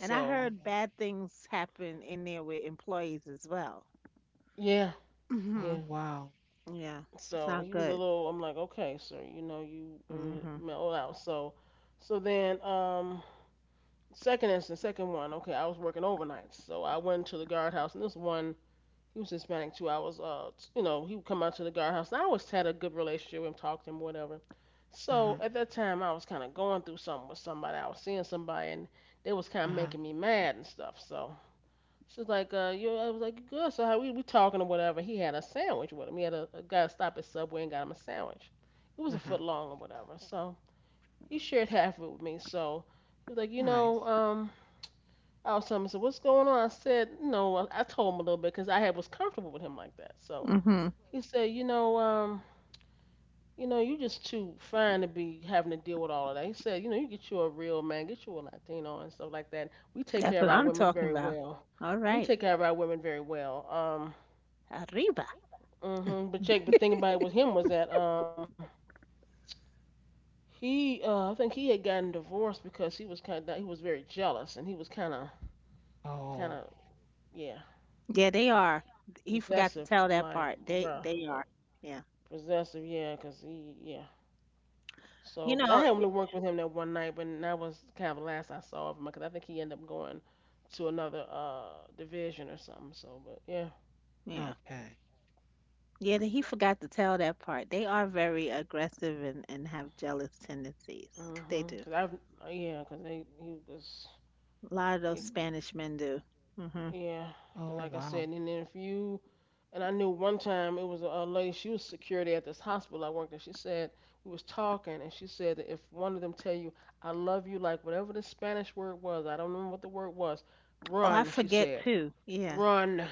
S2: And I
S1: oh,
S2: heard bad things happen in there with employees as well.
S3: yeah,
S2: Hmm.
S1: oh,
S3: yeah.
S1: wow.
S2: Yeah, it's
S3: So
S2: not
S3: he was a
S2: good.
S3: little. I'm like, okay, sir, you know, you
S2: Hmm.
S3: mellow out. So, so then, second instance, second one. Okay, I was working overnights, so I went to the guardhouse, and this one, he was Hispanic too. I was, you know, he would come out to the guardhouse, and I always had a good relationship with him, talked to him, whatever.
S1: Uh-huh,
S3: So at that time, I was kind of going through something with somebody. I was seeing somebody, and they was kind of
S1: uh-huh,
S3: making me mad and stuff. So she was like, you, I was like, good. So how we talking or whatever. He had a sandwich with him. He had a guy stop at Subway and got him a sandwich. It was a
S1: uh-huh.
S3: foot long or whatever. So he shared half of it with me. So he was like,
S1: Nice.
S3: I was telling him, I said, what's going on? I said, no, I told him a little bit because I had was comfortable with him like that. So
S2: Hmm.
S3: he said, you know, you just too fine to be having to deal with all of that. He said, you know, you get you a real man, get you a Latino and stuff like that. We take
S2: That's
S3: care of
S2: what
S3: our
S2: I'm
S3: women
S2: talking
S3: very
S2: about.
S3: well.
S2: All
S3: We
S2: right.
S3: take care of our women very well.
S2: Arriba.
S3: Mhm. But check, but thing about it with him was that I think he had gotten divorced because he was kind of, he was very jealous and he was
S1: Oh,
S3: kind of, yeah,
S2: Yeah, they
S1: y-
S2: are. He forgot to
S3: possessive.
S2: tell
S3: I'm
S2: that
S3: like,
S2: part. They
S3: bruh,
S2: they
S3: I'm
S2: are.
S3: like
S2: Yeah.
S3: possessive, yeah, 'cause he, yeah, so,
S2: You
S3: but I
S2: know,
S3: had only worked with him that one night, but that was kind of the last I saw of him because I think he ended up going to another division or something. So, but yeah,
S2: yeah.
S1: okay.
S2: Yeah, he forgot to tell that part. They are very aggressive and have jealous tendencies. They
S3: mhm.
S2: do.
S3: Cause I've yeah, cause they he was
S2: A lot of those
S3: it,
S2: Spanish men do. Hmm.
S3: yeah, cause
S1: Oh,
S3: like I said,
S1: wow.
S3: and then if you and I knew one time it was a lady. She was security at this hospital I worked at. She said we was talking, and she said that if one of them tell you I love you, like whatever the Spanish word was, I don't remember what the word was,
S2: Oh, I
S3: run. She
S2: forget
S3: said
S2: too. Yeah.
S3: run.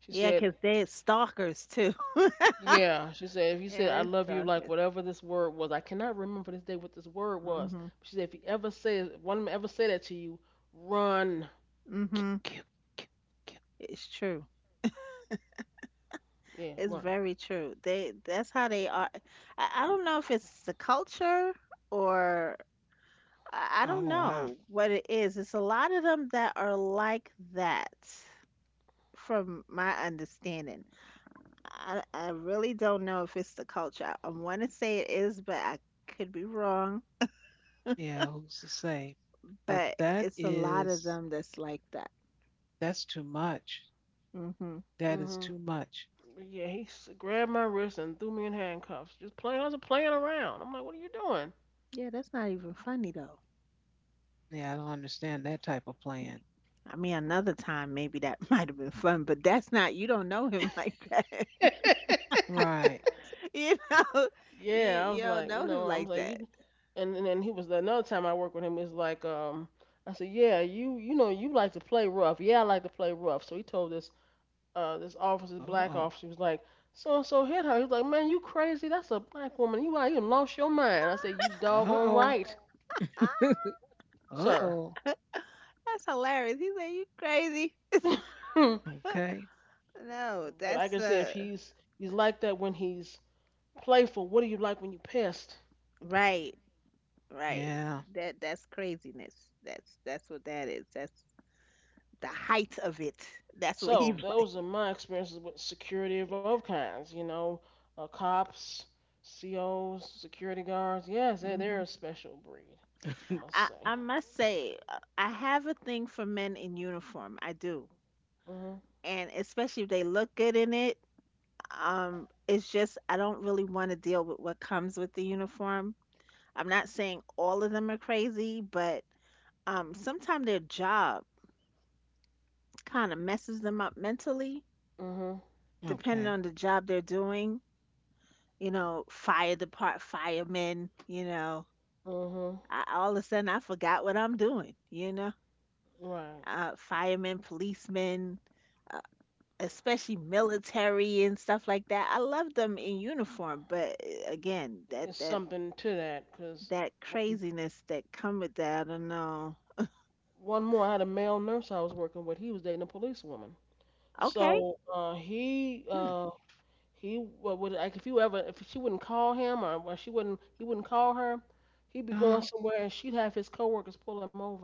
S3: She
S2: Yeah,
S3: said
S2: 'cause they stalkers too.
S3: yeah, she said, if you said,
S2: Yeah,
S3: I
S2: they
S3: love you, like
S2: stalkers.
S3: whatever this word was, I cannot remember this day what this word was.
S2: Mhm.
S3: But she said, if he ever says, one of them ever say that to you, run.
S2: Mhm.
S1: Cute, cute, cute.
S2: It's true.
S3: Yeah,
S2: It's
S3: run.
S2: very true. They that's how they are. I don't know if it's the culture or I don't
S1: Oh, wow.
S2: know what it is. It's a lot of them that are like that from my understanding. I really don't know if it's the culture. I want to say it is, but I could be wrong.
S1: Yeah, who's to say? But
S2: But
S1: that
S2: it's a lot of
S1: is,
S2: them that's like that.
S1: that's too much.
S2: Mhm.
S1: That is
S3: hmm
S1: too much.
S3: But yeah, grabbed my wrist and threw me in handcuffs. Just playing, I was playing around. I'm like, what are you doing?
S2: Yeah, that's not even funny though.
S1: Yeah, I don't understand that type of plan.
S2: I mean, another time maybe that might have been fun, but that's not, you don't know him like that.
S1: Right.
S2: You know,
S3: Yeah, I
S2: you
S3: was
S2: don't
S3: like, you
S2: know
S3: know,
S2: him
S3: I was
S2: like
S3: like,
S2: that.
S3: you, and then he was another time I worked with him is like, I said, yeah, you know you like to play rough. Yeah, I like to play rough. So he told this this officer, this black
S1: Uh-oh.
S3: officer, was like, so and so hit her. He's like, man, you crazy? That's a black woman. You out you lost your mind. I said, you doggone
S1: Uh-oh.
S3: right,
S2: Ah,
S3: sir.
S1: Uh-oh.
S2: that's hilarious. He said, you crazy.
S3: But
S1: Okay.
S2: No,
S3: like I
S2: that's,
S3: said, if he's like that when he's playful, what do you like when you pissed?
S2: right, right.
S1: Yeah.
S2: That's craziness. That's what that is. That's the height of it. That's what
S3: So
S2: he's like.
S3: those are my experiences with security of all kinds. You know, cops, COs, security guards. Yes, they're
S2: Hmm.
S3: a special breed. I must say.
S2: I must say, I have a thing for men in uniform. I do.
S3: Mhm.
S2: And especially if they look good in it. It's just I don't really want to deal with what comes with the uniform. I'm not saying all of them are crazy, but sometimes their job kind of messes them up mentally,
S3: Mhm.
S2: depending
S1: Okay.
S2: on the job they're doing. You know, firemen. You know,
S3: Mhm.
S2: I, all of a sudden I forgot what I'm doing. You know,
S3: Right.
S2: firemen, policemen, uh, especially military and stuff like that. I love them in uniform, but eh, again, that
S3: Is
S2: that
S3: something to that, 'cause
S2: that craziness that come with that. I don't know.
S3: one more, I had a male nurse I was working with. He was dating a policewoman.
S2: Okay,
S3: So
S1: Hmm.
S3: he wa- would like if you ever if she wouldn't call him or when she wouldn't he wouldn't call her, he'd be going
S1: Uh,
S3: somewhere and she'd have his coworkers pull him over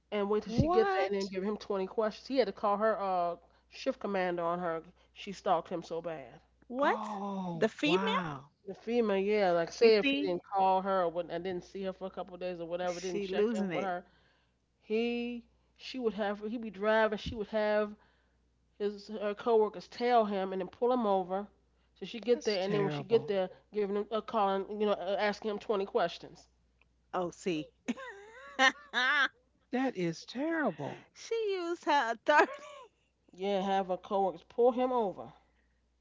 S3: and wait till she get there and then
S1: what?
S3: give him 20 questions. He had to call her shift commander on her. She stalked him so bad.
S2: what?
S1: Oh,
S2: The female?
S1: wow.
S3: The female, yeah, like
S2: You
S3: say if he
S2: see,
S3: didn't call her or what, and didn't see her for a couple of days or whatever, didn't
S2: she
S3: check in
S2: losing
S3: with
S2: it.
S3: her, he, she would have, he'd be driving, she would have his her coworkers tail him and then pull him over, so she get
S1: That's
S3: there, and then when she get
S1: terrible.
S3: there, giving him a call and you know asking him 20 questions.
S2: Oh, see,
S1: That is terrible.
S2: she used her authority.
S3: Yeah, have her coworkers pull him over.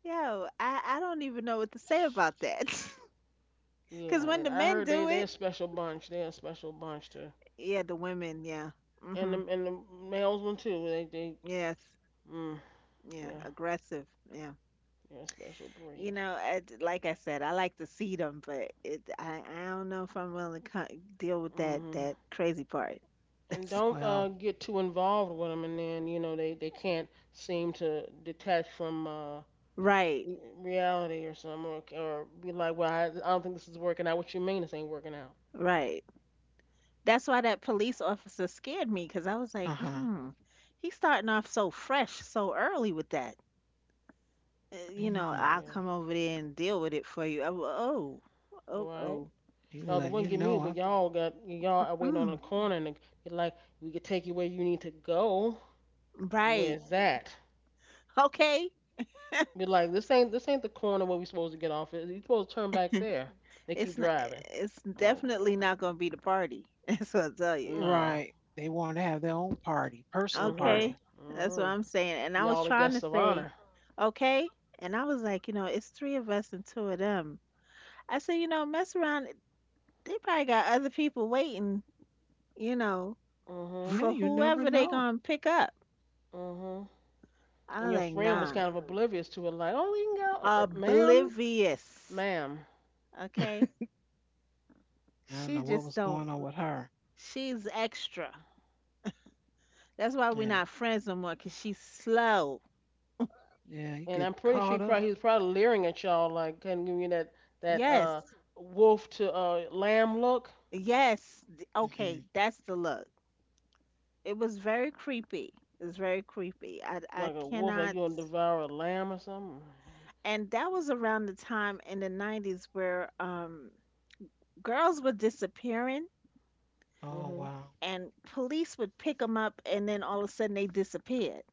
S2: Yo, I don't even know what to say about that. Cause
S3: Yeah,
S2: when
S3: they,
S2: the
S3: I
S2: men
S3: heard
S2: do
S3: they're a
S2: it,
S3: special bunch. They're a special bunch too,
S2: yeah, the women, yeah,
S3: and
S2: mhm,
S3: the and the males one too.
S2: yes,
S3: Mm,
S2: yeah,
S3: yeah
S2: aggressive, yeah.
S3: they're a special
S2: You
S3: breed.
S2: know, I, like I said, I like to see them, but I don't know if I'm willing to deal with
S3: hmm
S2: that crazy part.
S3: And don't
S1: Well,
S3: get too involved with them, and then you know they can't seem to detach from
S2: Right,
S3: reality or something, or be like, well, I don't think this is working out. What you mean this ain't working out?
S2: right. That's why that police officer scared me because I was
S1: uh
S2: like,
S1: huh.
S2: mm, he's starting off so fresh, so early with that. You know,
S1: Mm,
S2: I'll
S3: Yeah,
S2: come over there and deal with it for you. I w oh, oh,
S3: right.
S2: oh,
S1: people
S3: Now the
S1: letting
S3: one
S1: you
S3: get me,
S1: know. Huh?
S3: but y'all got y'all are waiting on the
S2: mm,
S3: corner, and you're like, we could take you where you need to go, and where
S2: right.
S3: is that?
S2: Okay.
S3: Be like, this ain't the corner where we supposed to get off. At. You supposed to turn back there. They keep driving.
S2: It's
S3: Oh
S2: definitely not going to be the party. That's what I'll tell
S3: Lord,
S2: you.
S3: no.
S1: Right. They want to have their own party, personal
S3: Mhm,
S2: Okay.
S1: party.
S2: That's what
S3: mhm.
S2: I'm saying. And I
S3: Y'all
S2: was
S3: the
S2: trying
S3: guests
S2: to
S3: of honor.
S2: say, okay. And I was like, you know, it's three of us and two of them. I said, you know, mess around. They probably got other people waiting, you know,
S3: Mhm,
S1: Yeah,
S2: for
S1: you never
S2: whoever they
S1: know.
S2: gonna pick up.
S3: mhm.
S2: I
S3: And
S2: was
S3: your
S2: like,
S3: friend was
S2: nah.
S3: kind of oblivious to it, like, oh, we can go, uh, ma'am,
S2: Oblivious.
S3: ma'am.
S1: I
S2: Okay?
S1: don't know
S2: She
S1: what was
S2: just
S1: going
S2: don't
S1: on with her.
S2: she's extra. That's why
S1: Yeah.
S2: we're not friends no more, cause she's slow.
S1: Yeah, you get
S3: And I'm pretty
S1: caught
S3: sure
S1: up.
S3: he was probably leering at y'all like kind of giving you that
S2: Yes.
S3: wolf to lamb look,
S2: Yes.
S1: Hmm.
S2: Okay, that's the look. It was very creepy. It was very creepy. I
S3: like a wolf like
S2: cannot.
S3: you gonna devour a lamb or something.
S2: And that was around the time in the 90s where girls were disappearing
S1: Oh,
S3: Mhm.
S1: wow.
S2: and police would pick them up and then all of a sudden they disappeared.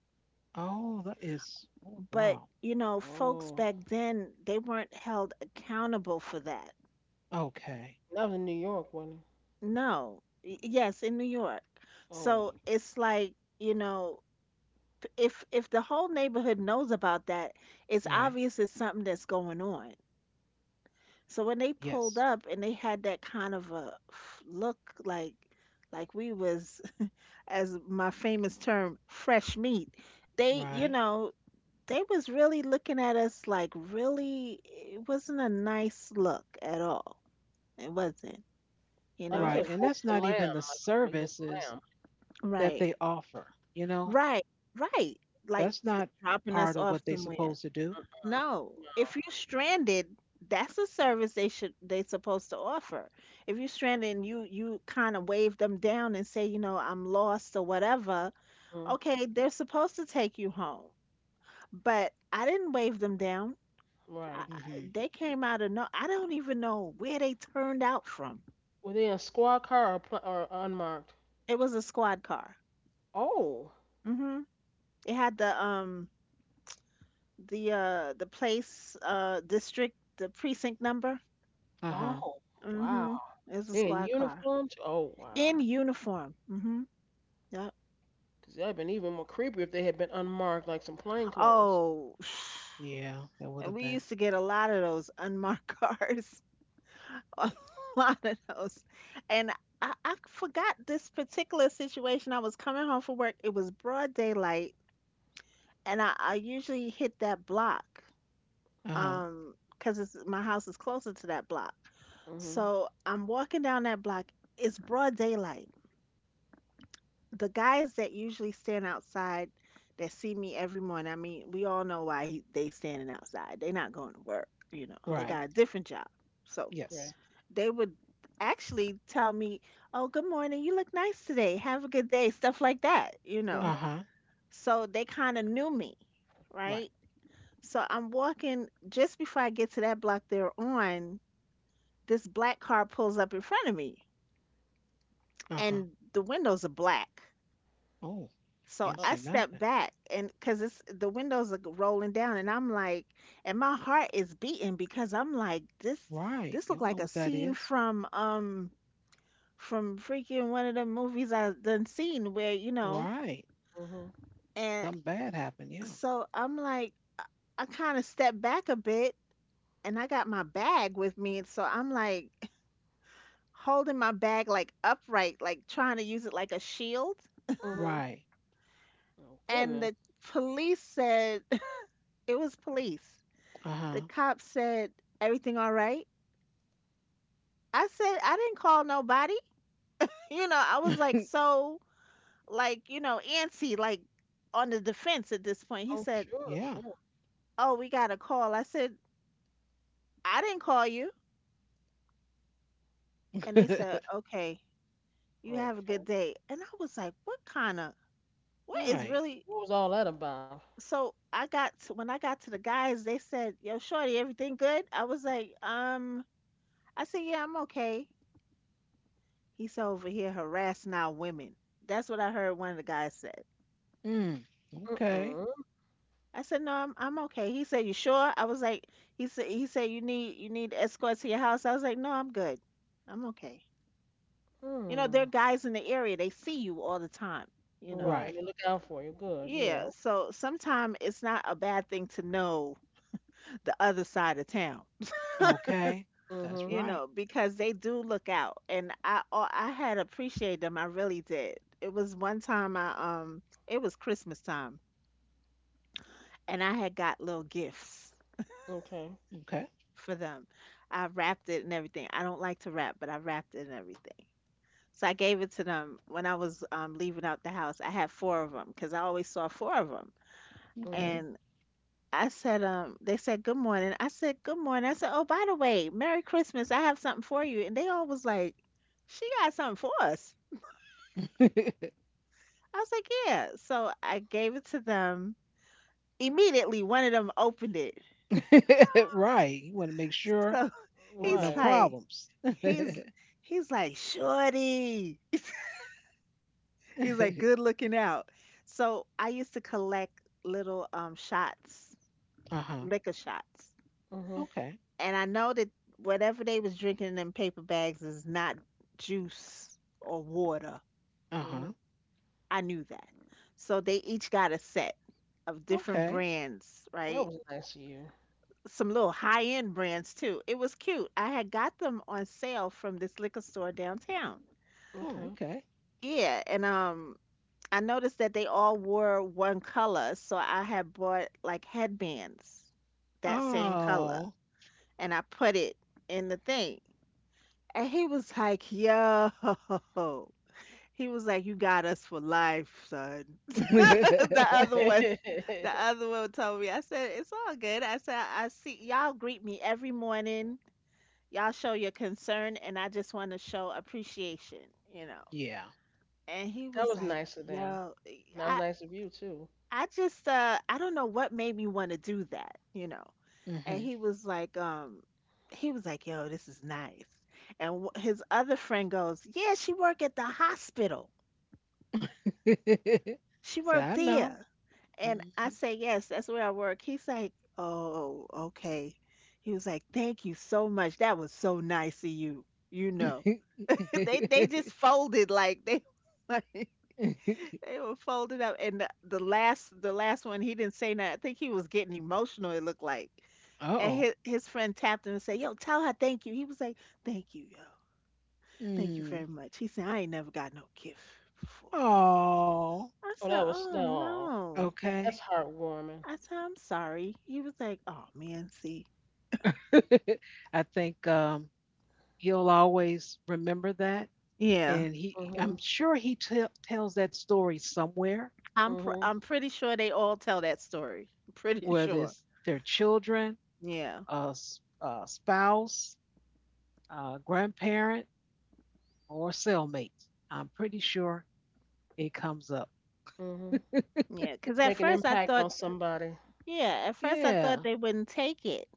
S1: Oh, that is. Oh,
S2: But,
S1: wow.
S2: you know, folks
S3: Oh,
S2: back then, they weren't held accountable for that.
S1: Okay.
S3: that was in New York, wasn't it?
S2: No. Yes, in New York.
S3: Oh,
S2: So it's like, you know, if the whole neighborhood knows about that, it's
S1: Right.
S2: obvious it's something that's going on. So when they
S1: Yes.
S2: pulled up and they had that kind of a look like we was as my famous term fresh meat, they, you
S1: Right.
S2: know, they was really looking at us like really it wasn't a nice look at all. It wasn't. You
S3: like I
S2: know,
S3: said,
S1: Right. And
S2: if
S3: wolf
S1: that's
S3: to
S1: not
S3: lamb,
S1: even the
S3: like a meat of
S1: services
S3: lamb.
S1: that they
S2: right.
S1: offer, you know?
S2: Right. Right. Like
S1: That's not
S2: dropping us
S1: part of
S2: off
S1: what they
S2: somewhere.
S1: supposed to do.
S3: Huh?
S2: No. If you're stranded, that's a service they supposed to offer. If you're stranded and you kind of wave them down and say, you know, I'm lost or whatever,
S3: No. Mhm.
S2: okay, they're supposed to take you home. But I didn't wave them down.
S3: Right.
S1: Hmm.
S2: They came out of no. I don't even know where they turned out from.
S3: Were they in a squad car or, pl- or unmarked?
S2: It was a squad car.
S3: Oh.
S2: Mhm. It had the place district the precinct number.
S1: Uh-huh.
S3: Oh. Wow.
S2: Mhm. It was a
S3: They in
S2: squad car
S3: uniforms? Oh
S2: in
S3: wow.
S2: uniform. Mhm. Yep.
S3: Cause that'd been even more creepy if they had been unmarked, like some plain clothes.
S2: Oh,
S1: Yeah, that would
S2: and
S1: have
S2: we
S1: been.
S2: used to get a lot of those unmarked cars. A lot of those. And I forgot this particular situation. I was coming home from work. It was broad daylight and I usually hit that block
S1: Uh-huh.
S2: because it's my house is closer to that block.
S3: Mm-hmm.
S2: So I'm walking down that block, it's broad daylight. The guys that usually stand outside that see me every morning, I mean, we all know why they standing outside. They not going to work, you know, they
S1: Right.
S3: Mhm.
S2: got a different job. So
S3: Right.
S1: Yes.
S2: they would actually tell me, oh, good morning, you look nice today, have a good day, stuff like that, you
S3: Mhm.
S2: know.
S1: Uh-huh.
S2: So they kind of knew me,
S1: Right.
S2: right. So I'm walking just before I get to that block they're on, this black car pulls up in front of me
S1: Uh-huh.
S2: and the windows are black.
S1: Oh,
S2: So
S1: can't see
S2: I
S3: Oh.
S2: step
S1: nothing.
S2: back and cuz it's the windows are rolling down and I'm like, and my heart is beating because I'm like, this
S1: Right.
S2: this
S1: You
S2: look
S1: don't know
S2: like a
S1: what that
S2: scene
S1: is.
S2: from freaking one of the movies I done seen where you know.
S1: Right.
S3: Mhm.
S2: And
S1: Something bad happened. Yeah.
S2: so I'm like, I kind of step back a bit, and I got my bag with me and so I'm like holding my bag like upright, like trying to use it like a shield.
S3: Mhm.
S1: Right.
S3: Oh
S2: And
S3: goodness.
S2: the police said, it was police. The
S1: Uh-huh.
S2: cop said, everything all right? I said, I didn't call nobody. You know, I was like so, like, you know, antsy, like on the defense at this point. He
S3: Oh
S2: said,
S3: sure,
S1: Yeah.
S3: sure.
S2: oh, we got a call. I said, I didn't call you. And they said, okay, you have a good
S3: Okay.
S2: day. And I was like, what is
S1: Right.
S2: really.
S3: What was all that about?
S2: So I got to, when I got to the guys, they said, "Yo, shorty, everything good?" I was like, I said, "Yeah, I'm okay." He said, "Over here harassing our women." That's what I heard one of the guys said.
S1: Mm. Okay.
S3: Mm-mm.
S2: I said, "No, I'm okay." He said, "You sure?" I was like, "He said you need escorts to your house." I was like, "No, I'm good. I'm okay." You know, there are
S3: Mm.
S2: guys in the area. They see you all the time. You know.
S3: Right.
S1: Right.
S3: They look out for you. Good.
S2: Yeah.
S3: Yeah.
S2: So sometimes it's not a bad thing to know the other side of town.
S1: Okay. That's
S3: Mhm.
S2: You
S1: right.
S2: know, because they do look out, and I I had appreciated them. I really did. It was one time I um it was Christmas time, and I had got little gifts
S3: Okay.
S1: Okay.
S2: for them. I wrapped it and everything. I don't like to wrap, but I wrapped it and everything. So I gave it to them when I was leaving out the house. I had four of them because I always saw four of them,
S1: Okay.
S3: Mhm.
S2: and I said, they said good morning. I said good morning. I said, oh, by the way, Merry Christmas. I have something for you, and they all was like, she got something for us. I was like, "Yeah." So I gave it to them. Immediately, one of them opened it.
S1: Right. You want to make sure
S2: So
S1: with no
S2: he's
S3: Right.
S2: like,
S1: problems. Uh
S2: he's he's like, "Shorty." He's like, "Good looking out." So I used to collect little shots,
S1: huh.
S2: liquor shots,
S3: Mhm.
S1: Okay.
S2: and I know that whatever they was drinking in them paper bags is not juice or water.
S1: Uh
S3: Mhm.
S1: huh.
S2: I knew that. So they each got a set of different
S1: Okay.
S2: brands,
S3: That
S2: right?
S3: was nice of you.
S2: Some little high-end brands too. It was cute. I had got them on sale from this liquor store downtown.
S1: Oh,
S3: Okay.
S1: okay.
S2: Yeah, and I noticed that they all wore one color, so I had bought like headbands that same color
S1: Oh.
S2: and I put it in the thing. And he was like, "Yo." He was like, "You got us for life, son." the other one, the other one told me. I said, "It's all good." I said, "I see y'all greet me every morning, y'all show your concern and I just want to show appreciation, you know.
S1: Yeah.
S2: And he
S3: That
S2: was
S3: was
S2: like,
S3: nice of them.
S2: yo, e,
S3: That was nice of you too.
S2: I just I don't know what made me want to do that, And
S1: Hmm.
S2: he was like, yo, this is nice. And his other friend goes, yeah, she work at the hospital. She
S1: So
S2: worked
S1: I know.
S2: there. And I
S1: Hmm.
S2: say, yes, that's where I work. He's like, oh, okay. He was like, thank you so much. That was so nice of you, you know. They just folded like they like they were folded up and the last one he didn't say nothing. I think he was getting emotional, it looked like. And
S1: Uh-oh.
S2: his friend tapped him and said, yo, tell her thank you. He was like, thank you, yo. Thank you
S1: Mm.
S2: very much. He said, I ain't never got no gift before.
S1: Oh,
S2: I
S3: Oh, that
S2: said,
S3: was
S2: oh
S3: no.
S2: no.
S3: That's
S1: okay.
S3: heartwarming.
S2: I said, I'm sorry. He was like, oh man, see.
S1: I think he'll always remember that.
S2: Yeah.
S1: And
S3: Mhm.
S1: I'm sure he tells that story somewhere,
S3: Mhm.
S2: I'm pretty sure they all tell that story. Pretty
S1: whether
S2: sure.
S1: it's their children,
S2: Yeah.
S1: a a spouse, a grandparent, or cellmate. I'm pretty sure it comes up.
S3: Mhm.
S2: Yeah, because at
S3: Make an
S2: first I
S3: impact
S2: thought,
S3: on somebody.
S2: yeah, at first I thought
S1: Yeah.
S2: they wouldn't take it.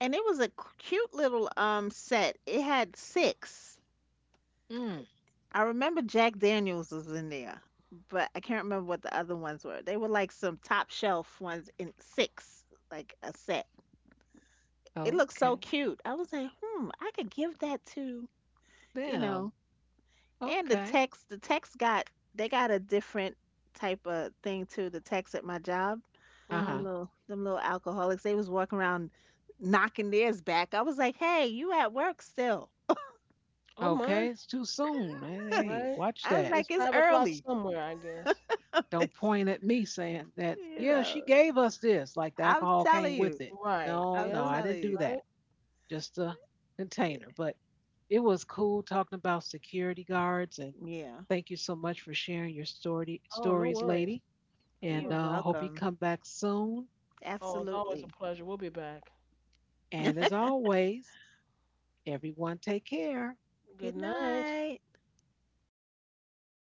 S2: And it was a cute little set. It had six.
S1: Mm.
S2: I remember Jack Daniels was in there, but I can't remember what the other ones were. They were like some top shelf ones in six, like a set. It looked so
S1: Okay.
S2: cute. I was like, hmm, I could give that to, you know.
S1: Them.
S2: And
S1: Okay.
S2: the text got, they got a different type of thing too, the text at my job.
S1: Uh huh.
S3: Mhm.
S2: Them little alcoholics, they was walking around knocking theirs back. I was like, "Hey, you at work still?"
S3: Oh my,
S1: Okay. It's too soon. Hey, hey,
S3: right?
S1: watch
S2: I was
S1: that.
S3: It's
S2: like, "It's
S3: 5 o'clock
S2: early."
S3: somewhere, I guess.
S1: Don't
S2: It's-
S1: point at me saying that,
S2: you
S1: yeah,
S2: know,
S1: she gave us this, like the
S2: I'm
S1: alcohol
S2: telling
S1: came with
S2: you.
S1: it.
S3: Right,
S1: No,
S2: I'm
S1: no,
S3: yeah,
S1: I didn't
S2: telling
S1: do
S2: you.
S3: right.
S1: that. Just a container. But it was cool talking about security guards and
S2: Yeah.
S1: thank you so much for sharing your story
S3: Oh, no
S1: stories,
S3: worries.
S1: lady.
S3: No
S2: You're
S1: And
S3: worries.
S1: hope you
S2: welcome.
S1: come back soon.
S3: Oh, it's always a
S2: Absolutely.
S3: pleasure. We'll be back.
S1: And as always, everyone take care.
S3: Good
S2: Good
S3: night.
S2: night.